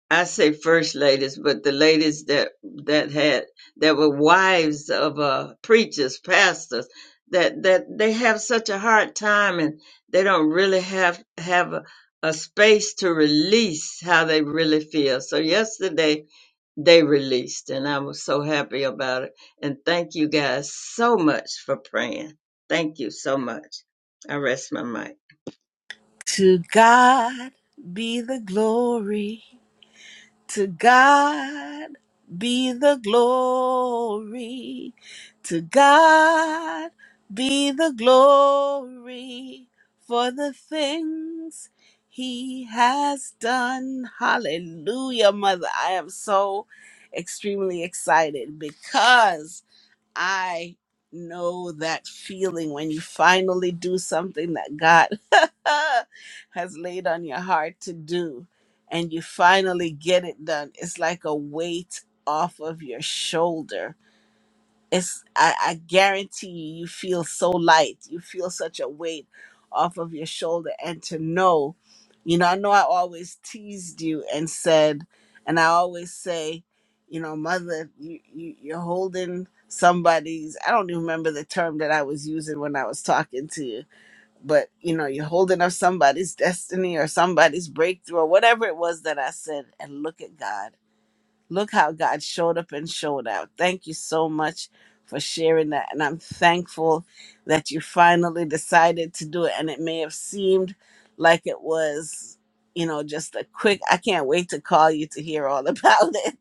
i say first ladies but the ladies that that had that were wives of uh preachers pastors that that they have such a hard time and they don't really have have a, a space to release how they really feel so yesterday they released, and I was so happy about it. And thank you guys so much for praying. Thank you so much. I rest my mic.
To God be the glory. To God be the glory. To God be the glory for the things he has done. Hallelujah, Mother. I am so extremely excited because I know that feeling when you finally do something that God has laid on your heart to do and you finally get it done. It's like a weight off of your shoulder it's I, I guarantee you you feel so light you feel such a weight off of your shoulder and to know you know i know i always teased you and said and i always say you know mother you, you you're holding somebody's i don't even remember the term that i was using when i was talking to you but you know you're holding up somebody's destiny or somebody's breakthrough or whatever it was that i said and look at god Look how God showed up and showed out. Thank you so much for sharing that. And I'm thankful that you finally decided to do it. And it may have seemed like it was, you know, just a quick, I can't wait to call you to hear all about it.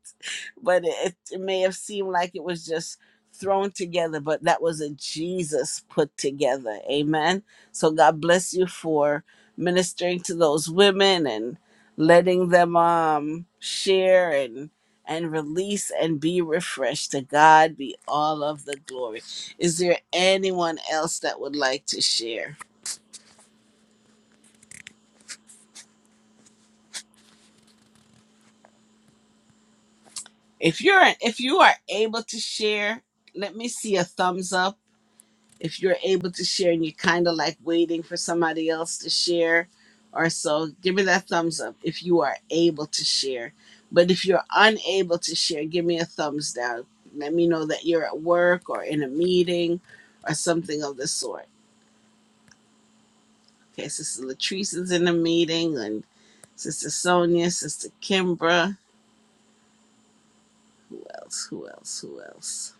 But it, it may have seemed like it was just thrown together, but that was a Jesus put together. Amen. So God bless you for ministering to those women and letting them um share and and release and be refreshed. To God be all of the glory. Is there anyone else that would like to share? If you're if you are able to share, let me see a thumbs up. If you're able to share and you're kind of like waiting for somebody else to share or so, give me that thumbs up if you are able to share. But if you're unable to share, give me a thumbs down. Let me know that you're at work or in a meeting or something of the sort. Okay, Sister Latrice is in the meeting, and Sister Sonia, Sister Kimbra. Who else? Who else? Who else?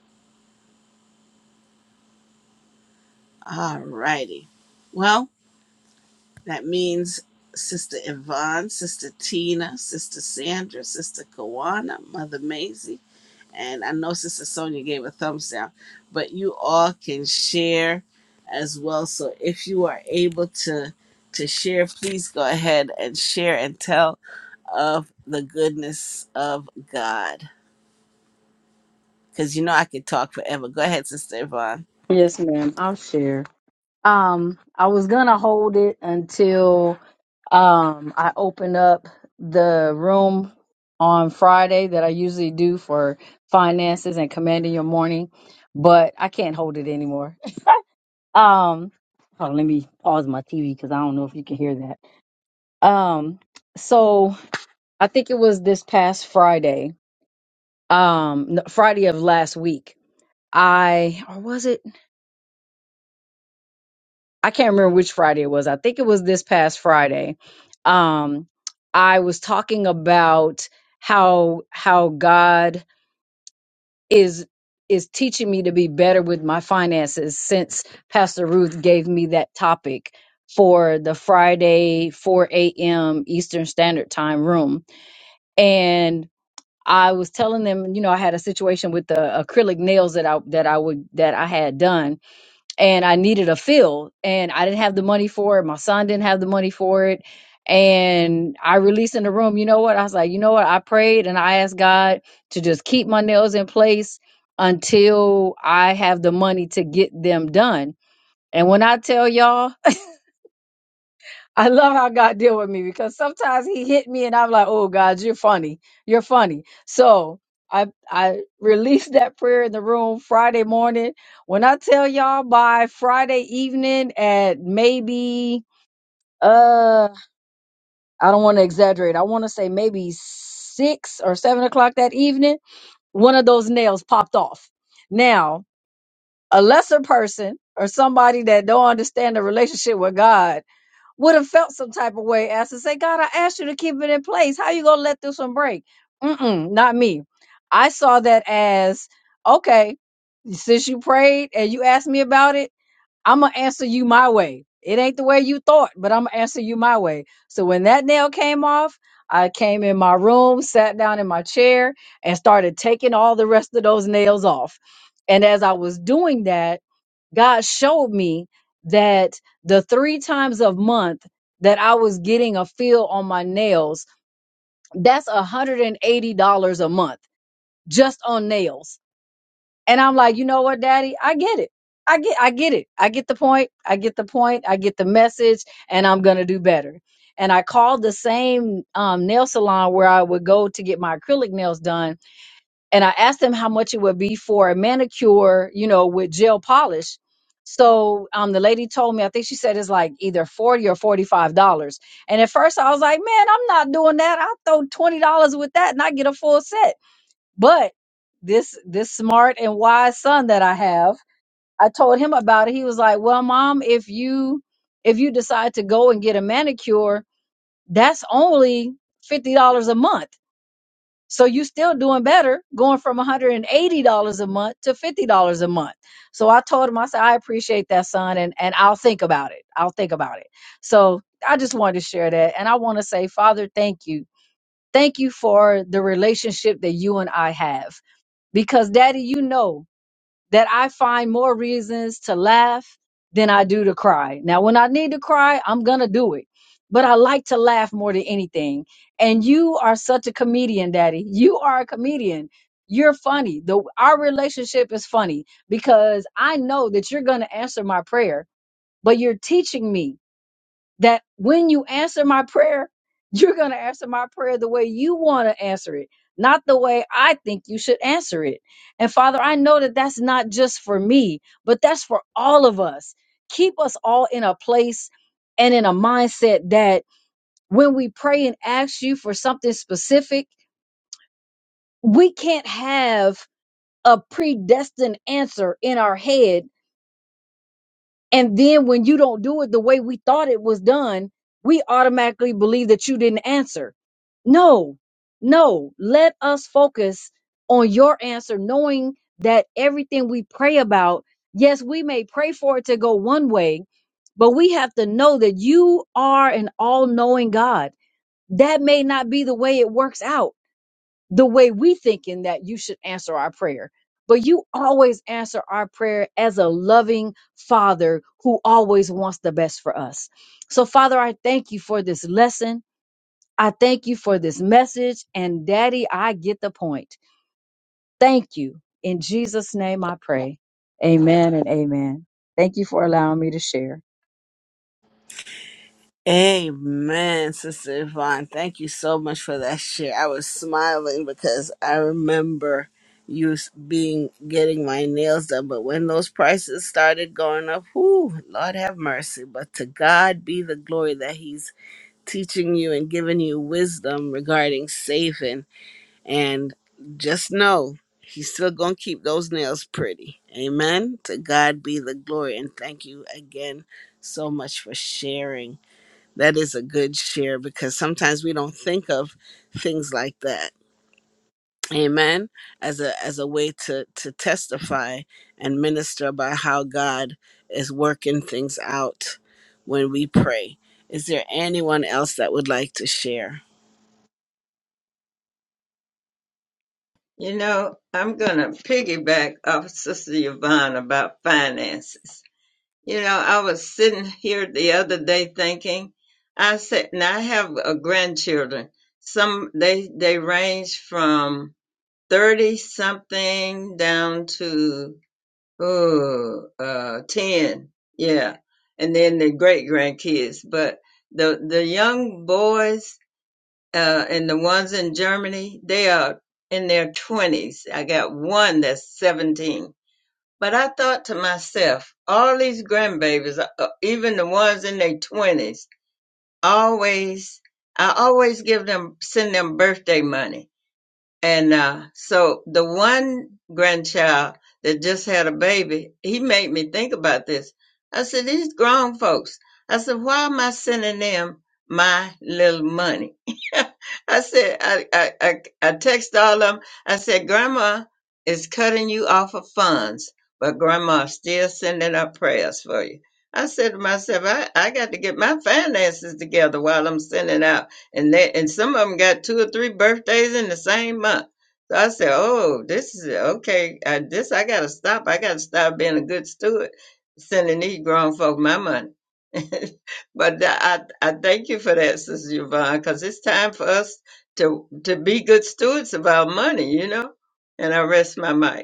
All righty. Well. That means Sister Yvonne, Sister Tina, Sister Sandra, Sister Kawana, Mother Maisie, and I know Sister Sonia gave a thumbs down, but you all can share as well. So if you are able to to share, please go ahead and share and tell of the goodness of God. Because you know I could talk forever. Go ahead, Sister Yvonne.
ma'am. I'll share. Um, I was gonna hold it until um I open up the room on Friday that I usually do for finances and commanding your morning, but I can't hold it anymore. Um, hold on, let me pause my TV because I don't know if you can hear that. Um, so I think it was this past Friday, um, no, Friday of last week. I or was it? I can't remember which Friday it was. I think it was this past Friday. Um, I was talking about how how God is is teaching me to be better with my finances since Pastor Ruth gave me that topic for the Friday 4 a.m. Eastern Standard Time room. And I was telling them, you know, I had a situation with the acrylic nails that I that I would that I had done and I needed a field and I didn't have the money for it. My son didn't have the money for it. And I released in the room, you know what? I was like, you know what? I prayed and I asked God to just keep my nails in place until I have the money to get them done. And when I tell y'all, I love how God deal with me because sometimes He hit me and I'm like, "Oh God, you're funny. You're funny." So I I released that prayer in the room Friday morning. When I tell y'all by Friday evening at maybe uh I don't want to exaggerate. I want to say maybe six or seven o'clock that evening, one of those nails popped off. Now a lesser person or somebody that don't understand the relationship with God would have felt some type of way as to say, God, I asked you to keep it in place. How you gonna let this one break? Mm-mm, not me. I saw that as okay, since you prayed and you asked me about it, I'm gonna answer you my way. It ain't the way you thought, but I'm gonna answer you my way. So when that nail came off, I came in my room, sat down in my chair, and started taking all the rest of those nails off. And as I was doing that, God showed me that the three times a month that I was getting a fill on my nails, that's $180 a month just on nails. And I'm like, you know what, daddy? I get it. I get I get it. I get the point. I get the point. I get the message and I'm going to do better. And I called the same um, nail salon where I would go to get my acrylic nails done and I asked him how much it would be for a manicure, you know, with gel polish. So um, the lady told me, I think she said it's like either forty or forty-five dollars. And at first I was like, man, I'm not doing that. I'll throw twenty dollars with that and I get a full set. But this this smart and wise son that I have, I told him about it. He was like, well, mom, if you if you decide to go and get a manicure, that's only fifty dollars a month so you still doing better going from $180 a month to $50 a month. So I told him, I said, I appreciate that, son, and, and I'll think about it. I'll think about it. So I just wanted to share that. And I want to say, Father, thank you. Thank you for the relationship that you and I have. Because, Daddy, you know that I find more reasons to laugh than I do to cry. Now, when I need to cry, I'm going to do it. But I like to laugh more than anything. And you are such a comedian, Daddy. You are a comedian. You're funny. The our relationship is funny because I know that you're going to answer my prayer, but you're teaching me that when you answer my prayer, you're going to answer my prayer the way you want to answer it, not the way I think you should answer it. And Father, I know that that's not just for me, but that's for all of us. Keep us all in a place and in a mindset that when we pray and ask you for something specific, we can't have a predestined answer in our head And then when you don't do it the way we thought it was done, we automatically believe that you didn't answer. No, no. Let us focus on your answer, knowing that everything we pray about, yes, we may pray for it to go one way, but we have to know that you are an all knowing God. That may not be the way it works out the way we thinking that you should answer our prayer. But you always answer our prayer as a loving father who always wants the best for us. So, Father, I thank you for this lesson. I thank you for this message. And, Daddy, I get the point. Thank you. In Jesus' name I pray. Amen and amen. Thank you for allowing me to share.
Amen, Sister Yvonne. Thank you so much for that share. I was smiling because I remember you s- being getting my nails done, but when those prices started going up, whoo, Lord have mercy. But to God be the glory that He's teaching you and giving you wisdom regarding saving. And just know He's still gonna keep those nails pretty. Amen. To God be the glory, and thank you again so much for sharing. That is a good share because sometimes we don't think of things like that. Amen. As a as a way to to testify and minister about how God is working things out when we pray. Is there anyone else that would like to share?
You know, I'm gonna piggyback off Sister Yvonne about finances. You know, I was sitting here the other day thinking, I said, and I have uh grandchildren. Some they they range from thirty something down to Ooh, uh, 10. Yeah. And then the great grandkids. But the, the young boys, uh, and the ones in Germany, they are in their twenties. I got one that's 17. But I thought to myself, all these grandbabies, uh, uh, even the ones in their twenties, always, I always give them, send them birthday money and uh, so the one grandchild that just had a baby, he made me think about this. I said, these grown folks, I said, why am I sending them my little money? I said, I, I, I, I text all of them. I said, grandma is cutting you off of funds, but grandma still sending up prayers for you. I said to myself, I, I got to get my finances together while I'm sending out and they and some of them got two or three birthdays in the same month. So I said, "Oh, this is okay. I, this I gotta stop. I gotta stop being a good steward, sending these grown folk my money." but th- I I thank you for that, Sister Yvonne, because it's time for us to to be good stewards of our money, you know. And I rest my mic.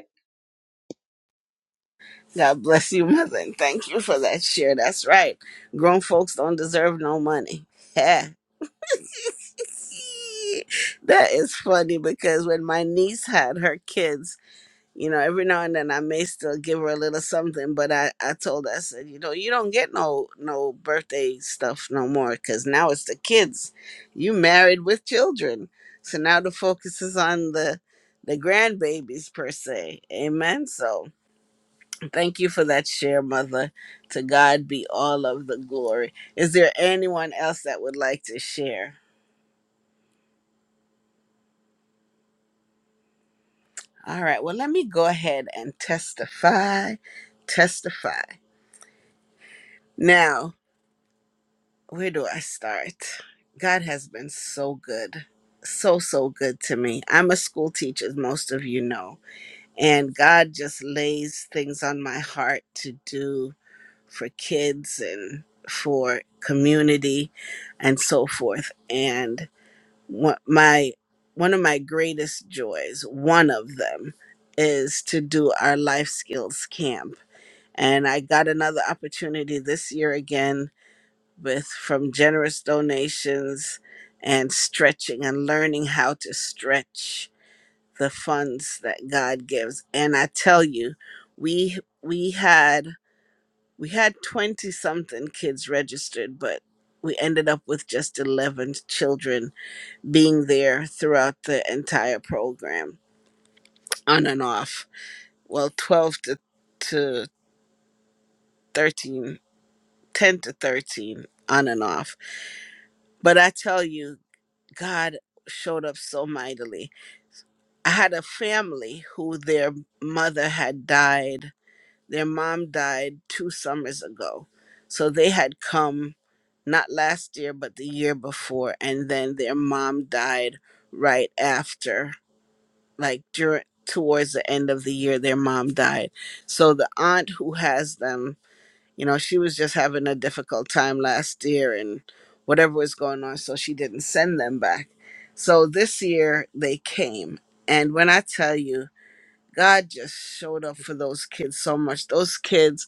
God bless you, mother, and thank you for that share. That's right. Grown folks don't deserve no money. Yeah. that is funny because when my niece had her kids you know, every now and then I may still give her a little something, but I, I told her, I said, you know, you don't get no no birthday stuff no more because now it's the kids. You married with children. So now the focus is on the the grandbabies per se. Amen. So thank you for that share, mother. To God be all of the glory. Is there anyone else that would like to share? All right. Well, let me go ahead and testify. Testify. Now, where do I start? God has been so good. So, so good to me. I'm a school teacher, as most of you know, and God just lays things on my heart to do for kids and for community and so forth. And what my one of my greatest joys, one of them, is to do our life skills camp. And I got another opportunity this year again with from generous donations and stretching and learning how to stretch the funds that God gives. And I tell you, we we had we had 20 something kids registered, but we ended up with just 11 children being there throughout the entire program on and off. Well, 12 to to 13, 10 to 13 on and off. But I tell you, God showed up so mightily. I had a family who their mother had died, their mom died two summers ago. So they had come not last year, but the year before. And then their mom died right after, like during towards the end of the year their mom died so the aunt who has them you know, she was just having a difficult time last year and whatever was going on, so she didn't send them back. So this year they came. And when I tell you, God just showed up for those kids so much. Those kids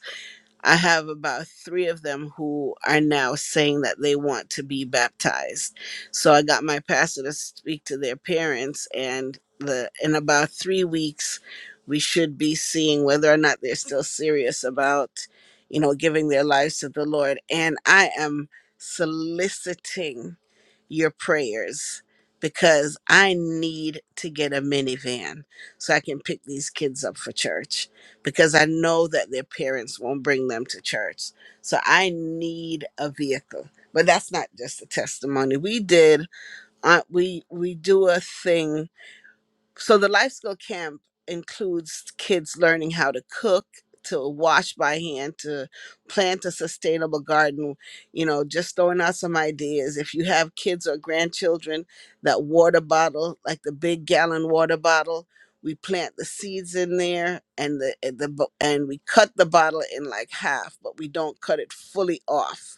I have about three of them who are now saying that they want to be baptized. So I got my pastor to speak to their parents, and the in about three weeks, we should be seeing whether or not they're still serious about, you know, giving their lives to the Lord. And I am soliciting your prayers because I need to get a minivan so I can pick these kids up for church because I know that their parents won't bring them to church. So I need a vehicle. But that's not just a testimony. We did uh, we we do a thing so the life skill camp includes kids learning how to cook, to wash by hand, to plant a sustainable garden, you know, just throwing out some ideas. If you have kids or grandchildren, that water bottle, like the big gallon water bottle, we plant the seeds in there and the and the bo- and we cut the bottle in like half, but we don't cut it fully off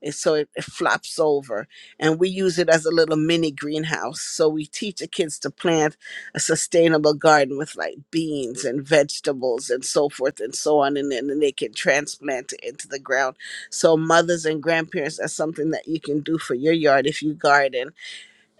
it- so it, it flops over and we use it as a little mini greenhouse so we teach the kids to plant a sustainable garden with like beans and vegetables and so forth and so on and then and they can transplant it into the ground so mothers and grandparents that's something that you can do for your yard if you garden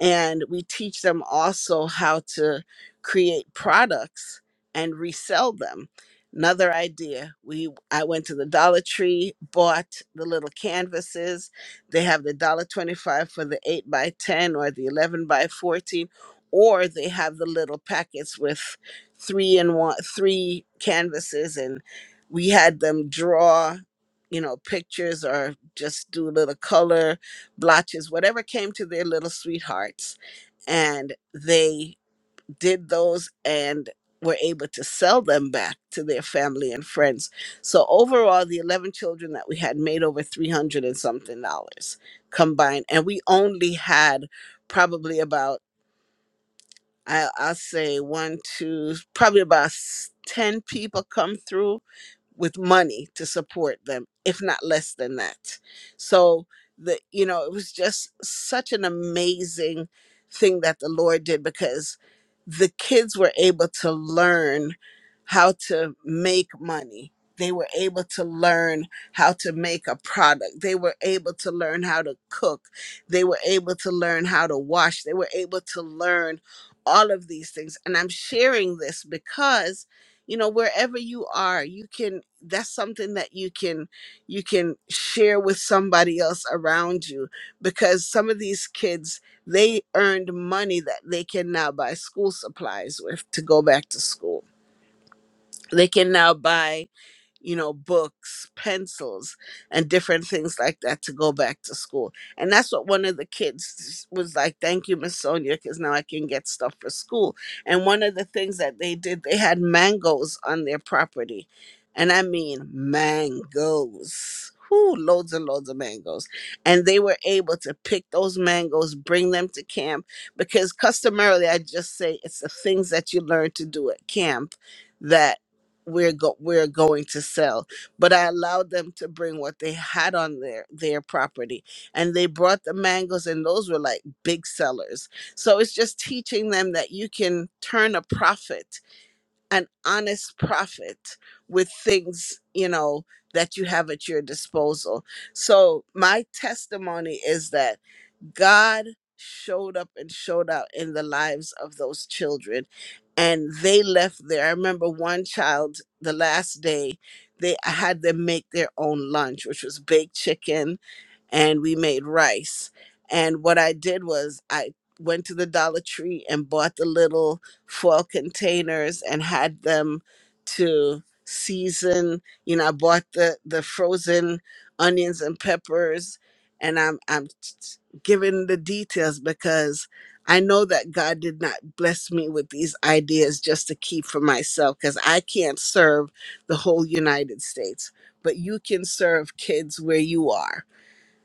and we teach them also how to create products and resell them another idea we i went to the dollar tree bought the little canvases they have the one dollar 25 for the 8 by 10 or the 11 by 14 or they have the little packets with three and one three canvases and we had them draw you know pictures or just do a little color blotches, whatever came to their little sweethearts. And they did those and were able to sell them back to their family and friends. So overall, the 11 children that we had made over 300 and something dollars combined. And we only had probably about, I, I'll say one, two, probably about s- 10 people come through with money to support them if not less than that so the you know it was just such an amazing thing that the lord did because the kids were able to learn how to make money they were able to learn how to make a product they were able to learn how to cook they were able to learn how to wash they were able to learn all of these things and i'm sharing this because you know wherever you are you can that's something that you can you can share with somebody else around you because some of these kids they earned money that they can now buy school supplies with to go back to school they can now buy you know, books, pencils, and different things like that to go back to school. And that's what one of the kids was like, thank you, Miss Sonia, because now I can get stuff for school. And one of the things that they did, they had mangoes on their property. And I mean mangoes. Whoo, loads and loads of mangoes. And they were able to pick those mangoes, bring them to camp, because customarily I just say it's the things that you learn to do at camp that we're go- we're going to sell but i allowed them to bring what they had on their their property and they brought the mangoes and those were like big sellers so it's just teaching them that you can turn a profit an honest profit with things you know that you have at your disposal so my testimony is that God showed up and showed out in the lives of those children. And they left there. I remember one child the last day, they I had them make their own lunch, which was baked chicken, and we made rice. And what I did was I went to the Dollar Tree and bought the little foil containers and had them to season. You know, I bought the the frozen onions and peppers, and I'm I'm giving the details because I know that God did not bless me with these ideas just to keep for myself because I can't serve the whole United States, but you can serve kids where you are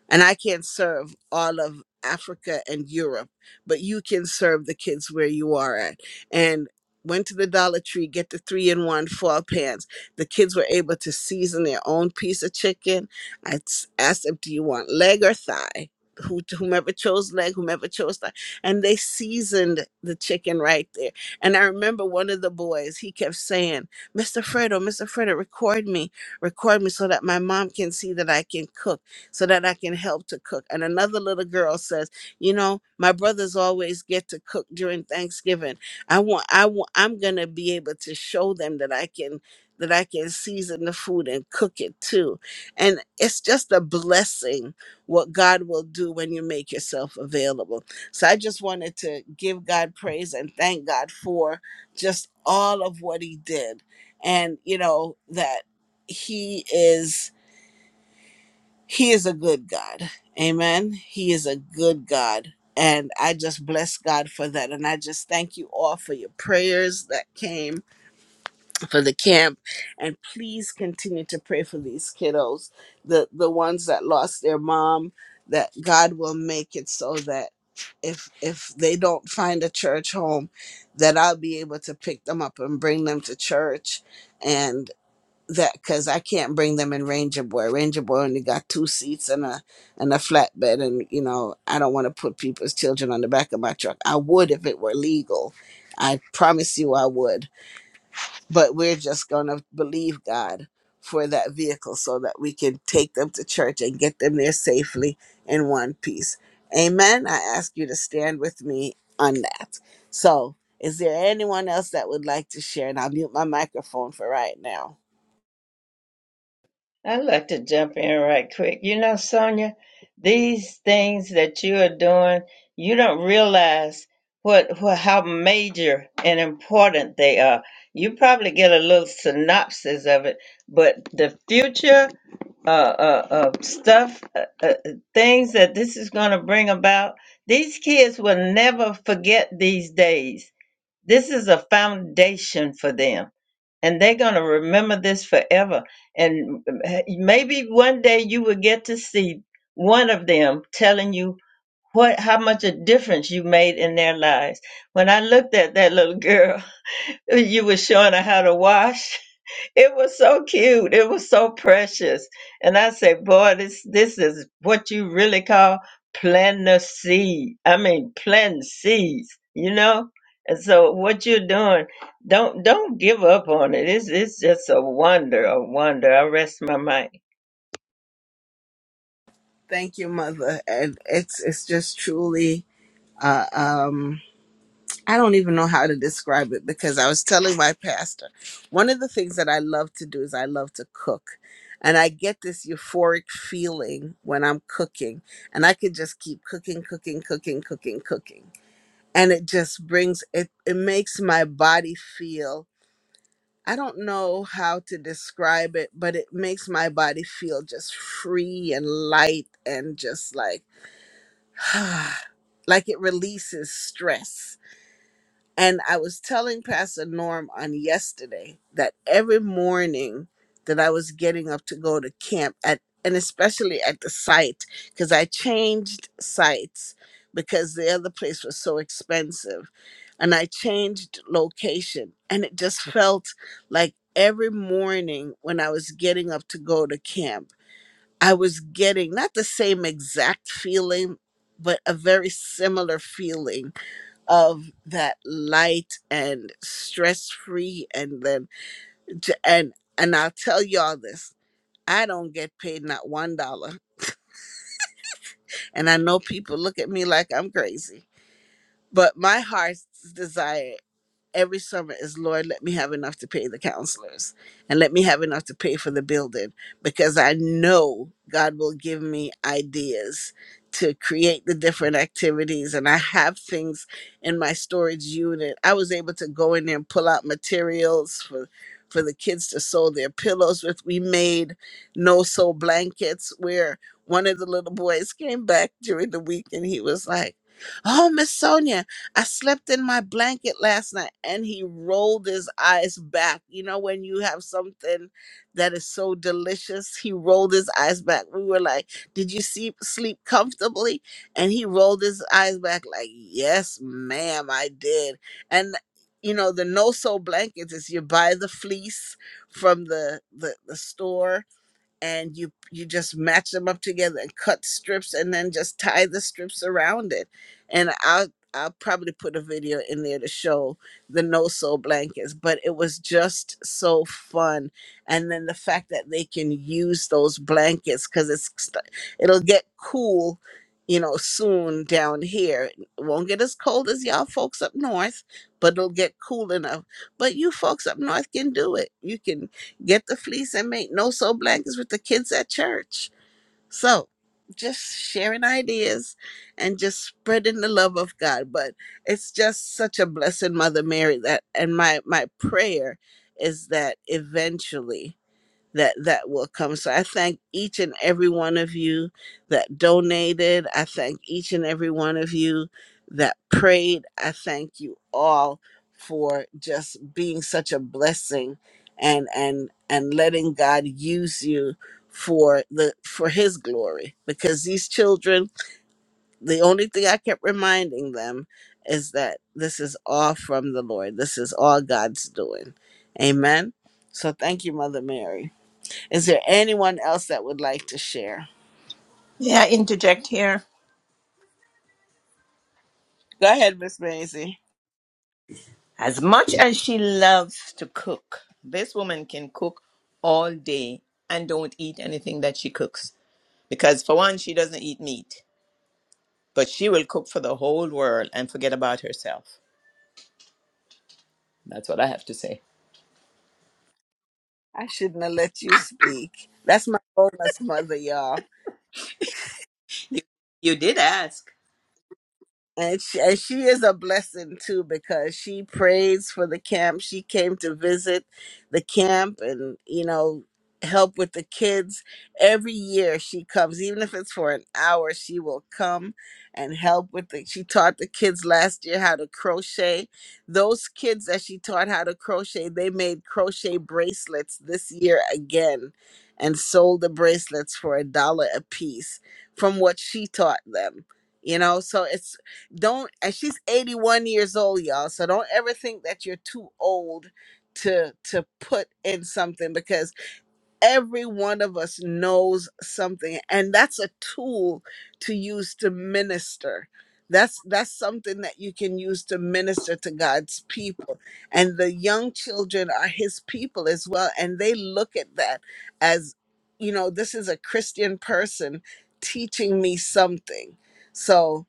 and I can't serve all of Africa and Europe, but you can serve the kids where you are at. And went to the Dollar Tree, get the three in one fall pans. The kids were able to season their own piece of chicken. I s- asked them, Do you want leg or thigh? Who, whomever chose leg, whomever chose thigh. And they seasoned the chicken right there. And I remember one of the boys, he kept saying, Mr. Fredo, Mr. Fredo, record me, record me so that my mom can see that I can cook so that I can help to cook. And another little girl says, you know, my brothers always get to cook during Thanksgiving. I want, I want, I'm gonna be able to show them that I can, that I can season the food and cook it too. And it's just a blessing what God will do when you make yourself available. So I just wanted to give God praise and thank God for just all of what He did, and you know that He is he is a good God. Amen. He is a good God. And I just bless God for that. And I just thank you all for your prayers that came for the camp. And please continue to pray for these kiddos, the, the ones that lost their mom, that God will make it so that if if they don't find a church home, that I'll be able to pick them up and bring them to church. and that because I can't bring them in Ranger Boy. Ranger Boy only got two seats and a and a flatbed, and you know I don't want to put people's children on the back of my truck. I would if it were legal. I promise you I would. But we're just gonna believe God for that vehicle so that we can take them to church and get them there safely in one piece. Amen. I ask you to stand with me on that. So, is there anyone else that would like to share? And I'll mute my microphone for right now.
I'd like to jump in right quick. You know, Sonia, these things that you are doing, you don't realize what, what how major and important they are. You probably get a little synopsis of it, but the future uh, uh, uh, stuff, uh, uh, things that this is going to bring about, these kids will never forget these days. This is a foundation for them and they're going to remember this forever. And eh, maybe one day you will get to see one of them telling you what how much a difference you made in their lives. When I looked at that little girl, you were showing her how to wash it was so cute. It was so precious. And I said, boy, this this is what you really call planting a seed. I mean planting seeds, you know? And so what you're doing, don't don't give up on it. It's it's just a wonder, a wonder. I rest my mind.
Thank you, Mother. And it's it's just truly uh, um I don't even know how to describe it because I was telling my pastor one of the things that I love to do is I love to cook. And I get this euphoric feeling when I'm cooking and I could just keep cooking, cooking, cooking, cooking, cooking. And it just brings it it makes my body feel I don't know how to describe it, but it makes my body feel just free and light and just like like it releases stress. And I was telling Pastor Norm on yesterday that every morning that I was getting up to go to camp at and especially at the site because I changed sites because the other place was so expensive and I changed location and it just felt like every morning when I was getting up to go to camp I was getting not the same exact feeling, but a very similar feeling of that light and stress free. And then, j- and, and I'll tell y'all this I don't get paid not one dollar. And I know people look at me like I'm crazy, but my heart's desire. every summer is Lord, let me have enough to pay the counselors and let me have enough to pay for the building because I know God will give me ideas to create the different activities and I have things in my storage unit. I was able to go in there and pull out materials for for the kids to sew their pillows with. We made no sew blankets where one of the little boys came back during the week and he was like, Oh, Miss Sonia, I slept in my blanket last night. And he rolled his eyes back. You know, when you have something that is so delicious, he rolled his eyes back. We were like, Did you see, sleep comfortably? And he rolled his eyes back, like, Yes, ma'am, I did. And you know the no sew blankets is you buy the fleece from the the, the store and you you just match them up together and cut strips and then just tie the strips around it and i'll i'll probably put a video in there to show the no sew blankets but it was just so fun and then the fact that they can use those blankets because it's st- it'll get cool you know soon down here it won't get as cold as y'all folks up north but it'll get cool enough but you folks up north can do it you can Get the fleece and make no sew blankets with the kids at church. So just sharing ideas and just spreading the love of God. But it's just such a blessing, Mother Mary, that and my my prayer is that eventually that that will come. So I thank each and every one of you that donated. I thank each and every one of you that prayed. I thank you all for just being such a blessing and and and letting God use you for the for his glory because these children the only thing I kept reminding them is that this is all from the Lord. This is all God's doing. Amen. So thank you, Mother Mary. Is there anyone else that would like to share?
Yeah, I interject here?
Go ahead, Miss Maisie.
As much as she loves to cook, this woman can cook all day and don't eat anything that she cooks. Because, for one, she doesn't eat meat, but she will cook for the whole world and forget about herself. That's what I have to say.
I shouldn't have let you speak. That's my bonus mother, y'all.
You, you did ask.
And she, and she is a blessing too because she prays for the camp. She came to visit the camp and, you know, help with the kids. Every year she comes, even if it's for an hour, she will come and help with the. She taught the kids last year how to crochet. Those kids that she taught how to crochet, they made crochet bracelets this year again and sold the bracelets for a dollar a piece from what she taught them you know so it's don't and she's 81 years old y'all so don't ever think that you're too old to to put in something because every one of us knows something and that's a tool to use to minister that's that's something that you can use to minister to God's people and the young children are his people as well and they look at that as you know this is a Christian person teaching me something so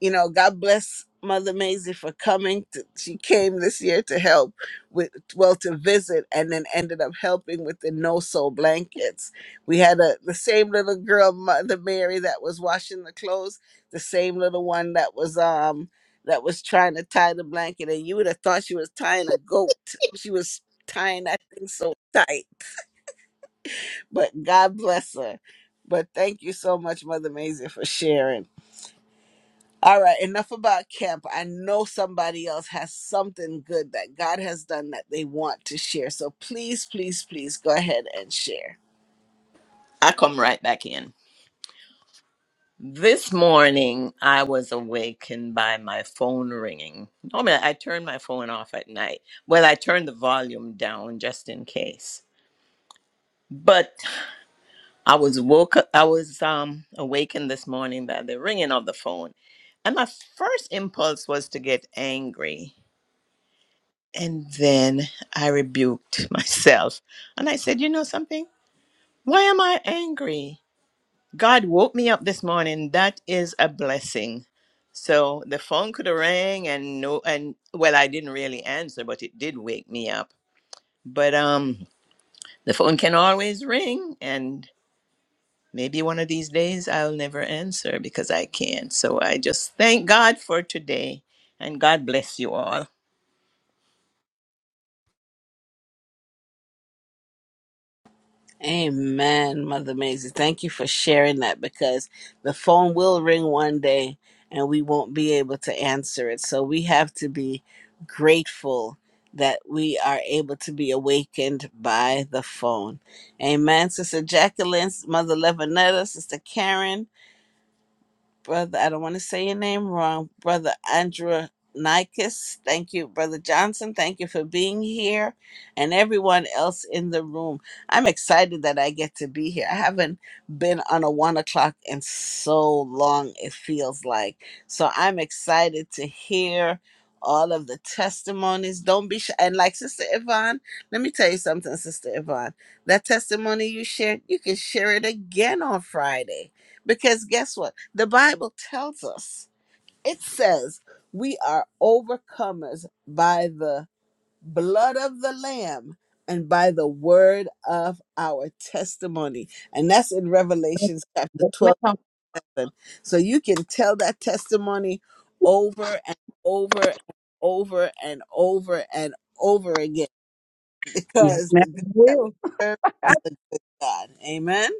you know, God bless Mother Maisie for coming. To, she came this year to help with, well, to visit, and then ended up helping with the no sew blankets. We had a the same little girl, Mother Mary, that was washing the clothes. The same little one that was um that was trying to tie the blanket, and you would have thought she was tying a goat. She was tying that thing so tight, but God bless her. But thank you so much, Mother Maisie, for sharing. All right, enough about camp. I know somebody else has something good that God has done that they want to share. So please, please, please go ahead and share.
I come right back in. This morning, I was awakened by my phone ringing. Normally, I turn my phone off at night. Well, I turn the volume down just in case. but. I was woke. I was um awakened this morning by the ringing of the phone, and my first impulse was to get angry, and then I rebuked myself, and I said, "You know something? Why am I angry? God woke me up this morning. That is a blessing." So the phone could have rang, and no, and well, I didn't really answer, but it did wake me up. But um, the phone can always ring, and." Maybe one of these days I'll never answer because I can't. So I just thank God for today and God bless you all.
Amen, Mother Maisie. Thank you for sharing that because the phone will ring one day and we won't be able to answer it. So we have to be grateful that we are able to be awakened by the phone. Amen. Sister Jacqueline, Mother Levinetta, Sister Karen. brother, I don't want to say your name wrong, brother Andrew Nikes. Thank you, brother Johnson. Thank you for being here and everyone else in the room. I'm excited that I get to be here. I haven't been on a one o'clock in so long, it feels like. So I'm excited to hear all of the testimonies. Don't be shy. And like Sister Yvonne, let me tell you something, Sister Yvonne. That testimony you shared, you can share it again on Friday. Because guess what? The Bible tells us, it says, we are overcomers by the blood of the Lamb and by the word of our testimony. And that's in Revelation chapter
Yes,
12.
ma'am.
So you can tell that testimony over and over and over and over and over again
Yeah.
because
Ma'am.
the God that we
Will.
serve, God. Amen.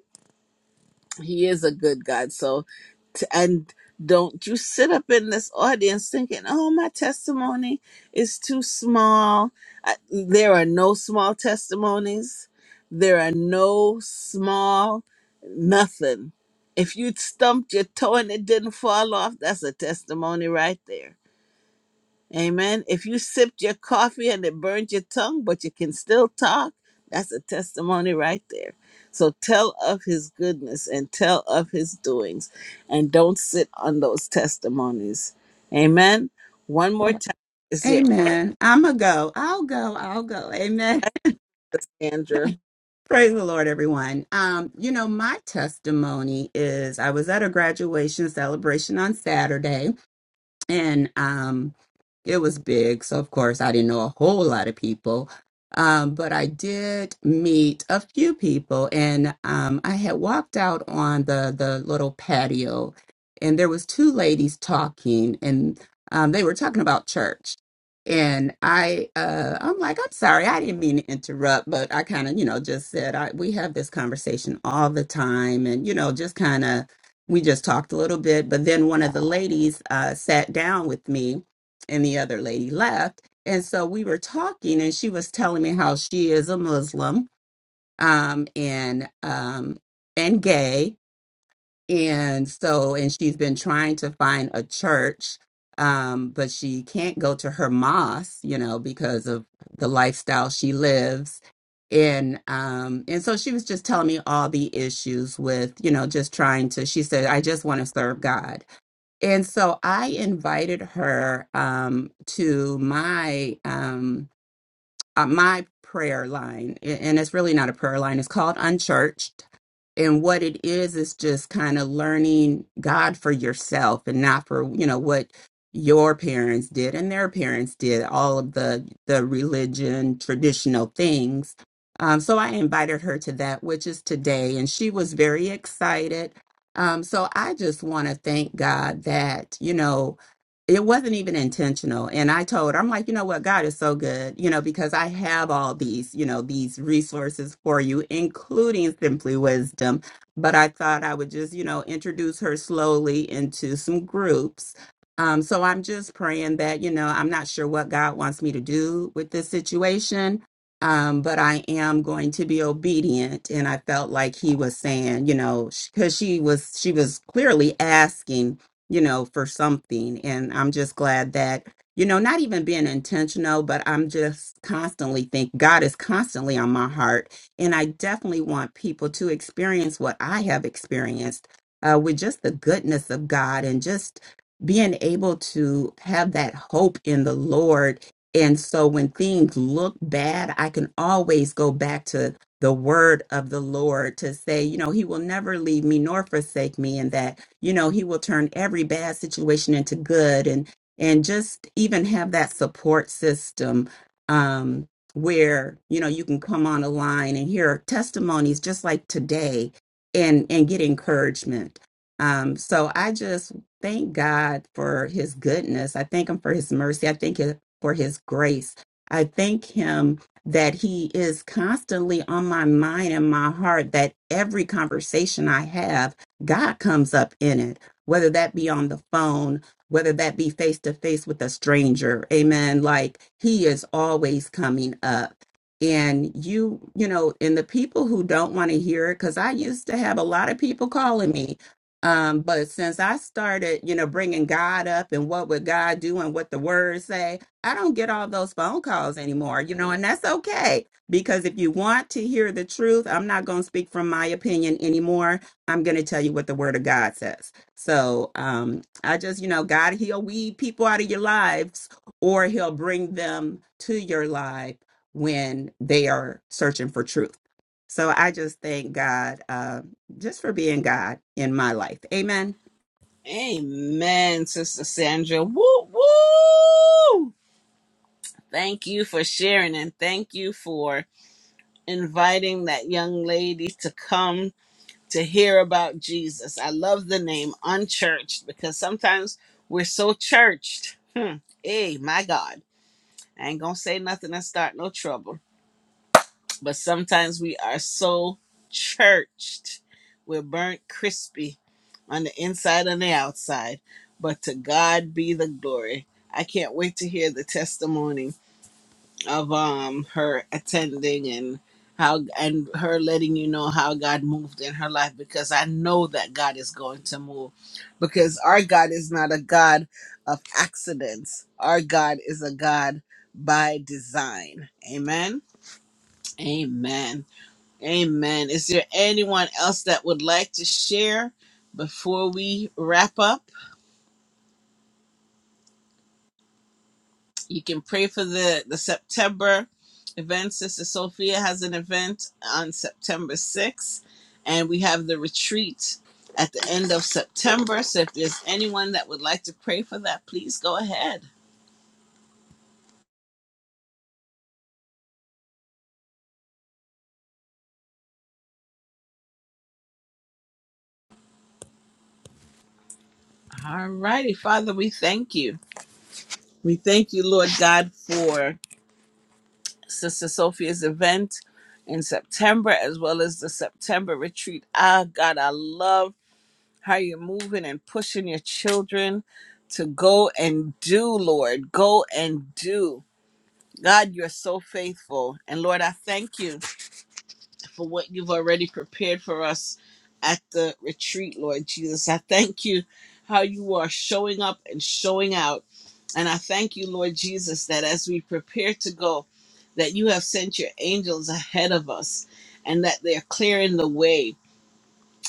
He is a good God. So, t- and don't you sit up in this audience thinking, oh, my testimony is too small. I, there are no small testimonies, there are no small nothing. If you'd stumped your toe and it didn't fall off, that's a testimony right there. Amen. If you sipped your coffee and it burned your tongue, but you can still talk, that's a testimony right there. So tell of his goodness and tell of his doings and don't sit on those testimonies. Amen. One more time. Is there
Amen. I'm a go. I'll go. I'll go. Amen.
Sandra?
Praise the Lord, everyone. Um, you know, my testimony is I was at a graduation celebration on Saturday and um it was big so of course i didn't know a whole lot of people um but i did meet a few people and um i had walked out on the the little patio and there was two ladies talking and um they were talking about church and i uh i'm like i'm sorry i didn't mean to interrupt but i kind of you know just said i we have this conversation all the time and you know just kind of we just talked a little bit, but then one of the ladies uh, sat down with me and the other lady left. And so we were talking, and she was telling me how she is a Muslim um, and um, and gay, and so, and she's been trying to find a church, um, but she can't go to her mosque, you know, because of the lifestyle she lives. And um, and so she was just telling me all the issues with, you know, just trying to. She said, "I just want to serve God." And so I invited her um, to my um, uh, my prayer line, a- and it's really not a prayer line, it's called Unchurched. And what it is, is just kind of learning God for yourself and not for, you know, what your parents did and their parents did, all of the, the religion, traditional things. Um, so I invited her to that, which is today, and she was very excited. Um, so I just want to thank God that, you know, it wasn't even intentional and i told her i'm like you know what god is so good you know because i have all these you know these resources for you including simply wisdom but i thought i would just you know introduce her slowly into some groups um, so i'm just praying that you know i'm not sure what god wants me to do with this situation um, but i am going to be obedient and i felt like he was saying you know because she was she was clearly asking you know, for something. And I'm just glad that, you know, not even being intentional, but I'm just constantly think God is constantly on my heart. And I definitely want people to experience what I have experienced uh, with just the goodness of God and just being able to have that hope in the Lord. And so when things look bad, I can always go back to the word of the Lord to say, you know, he will never leave me nor forsake me and that, you know, he will turn every bad situation into good and and just even have that support system um where, you know, you can come on a line and hear testimonies just like today and and get encouragement. Um so I just thank God for his goodness. I thank him for his mercy. I thank him for his grace. I thank him that he is constantly on my mind and my heart that every conversation I have, God comes up in it, whether that be on the phone, whether that be face to face with a stranger. Amen. Like he is always coming up. And you, you know, and the people who don't want to hear it, because I used to have a lot of people calling me. Um, but since I started, you know, bringing God up and what would God do and what the word say, I don't get all those phone calls anymore, you know, and that's okay because if you want to hear the truth, I'm not going to speak from my opinion anymore. I'm going to tell you what the word of God says. So, um, I just, you know, God, he'll weed people out of your lives or he'll bring them to your life when they are searching for truth. So I just thank God, uh, just for being God in my life. Amen.
Amen, Sister Sandra. Woo woo! Thank you for sharing and thank you for inviting that young lady to come to hear about Jesus. I love the name unchurched because sometimes we're so churched. Hmm. Hey, my God. I ain't going to say nothing and start no trouble. But sometimes we are so churched. We're burnt crispy on the inside and the outside. But to God be the glory. I can't wait to hear the testimony of um her attending and how and her letting you know how God moved in her life because I know that God is going to move because our God is not a God of accidents. Our God is a God by design. Amen. Amen. Amen. Is there anyone else that would like to share before we wrap up? you can pray for the the September event. Sister Sophia has an event on September 6th, and we have the retreat at the end of September. So if there's anyone that would like to pray for that, please go ahead. All righty, Father, we thank you. We thank you, Lord God, for Sister Sophia's event in September as well as the September retreat. Ah, God, I love. how you're moving and pushing your children to go and do, Lord. Go and do. God, you're so faithful. And Lord, I thank you for what you've already prepared for us at the retreat, Lord Jesus. I thank you how you are showing up and showing out. And I thank you, Lord Jesus, that as we prepare to go, that you have sent your angels ahead of us and that they're clearing the way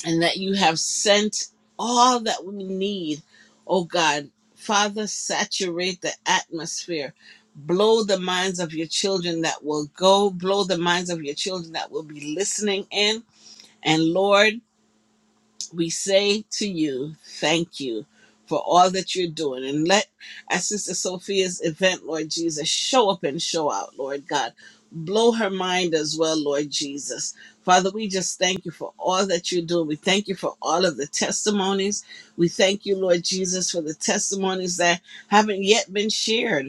and that you have sent all that we need, oh God. Father, saturate the atmosphere. Blow the minds of your children that will go, blow the minds of your children that will be listening in. And Lord, we say to you, thank you for all that you're doing. And let our sister Sophia's event, Lord Jesus, show up and show out, Lord God. Blow her mind as well, Lord Jesus. Father, we just thank you for all that you're doing. We thank you for all of the testimonies. We thank you, Lord Jesus, for the testimonies that haven't yet been shared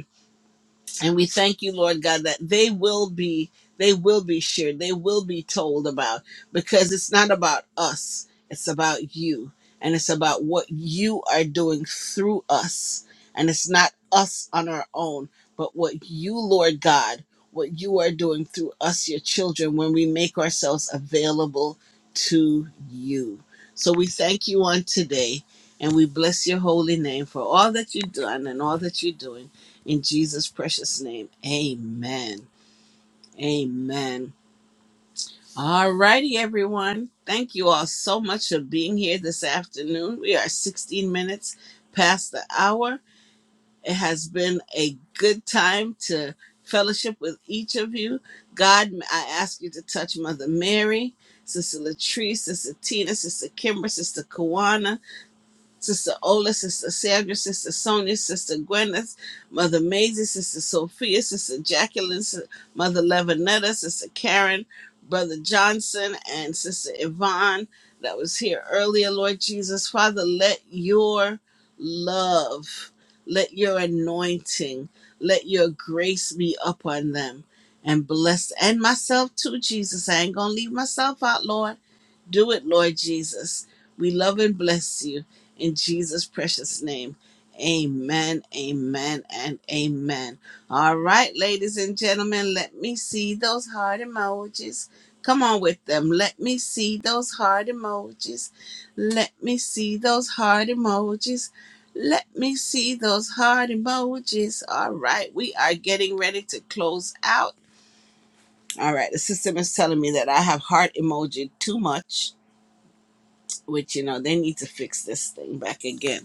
and we thank you, Lord God, that they will be they will be shared, they will be told about because it's not about us, it's about you. And it's about what you are doing through us. And it's not us on our own, but what you, Lord God, what you are doing through us, your children, when we make ourselves available to you. So we thank you on today and we bless your holy name for all that you've done and all that you're doing. In Jesus' precious name, amen. Amen. All righty, everyone. Thank you all so much for being here this afternoon. We are 16 minutes past the hour. It has been a good time to fellowship with each of you. God, I ask you to touch Mother Mary, Sister Latrice, Sister Tina, Sister Kimber, Sister Kawana, Sister Ola, Sister Sandra, Sister Sonia, Sister Gwyneth, Mother Maisie, Sister Sophia, Sister Jacqueline, S- Mother Levinetta, Sister Karen, Brother Johnson, and Sister Yvonne that was here earlier, Lord Jesus. Father, let your love, let your anointing, let your grace be upon them and bless and myself too, Jesus. I ain't gonna leave myself out, Lord. Do it, Lord Jesus. We love and bless you. In Jesus' precious name. Amen, amen, and amen. All right, ladies and gentlemen, let me see those heart emojis. Come on with them. Let me see those heart emojis. Let me see those heart emojis. Let me see those heart emojis. All right, we are getting ready to close out. All right, the system is telling me that I have heart emoji too much, which, you know, they need to fix this thing back again.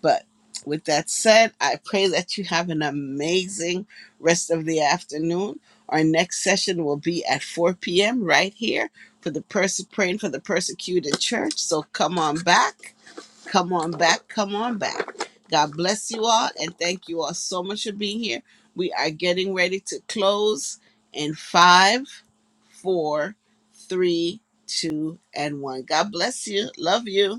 But with that said, I pray that you have an amazing rest of the afternoon. Our next session will be at 4 p.m. right here for the person praying for the persecuted church. So come on back, come on back, come on back. God bless you all and thank you all so much for being here. We are getting ready to close in five, four, three, two, and one. God bless you. Love you.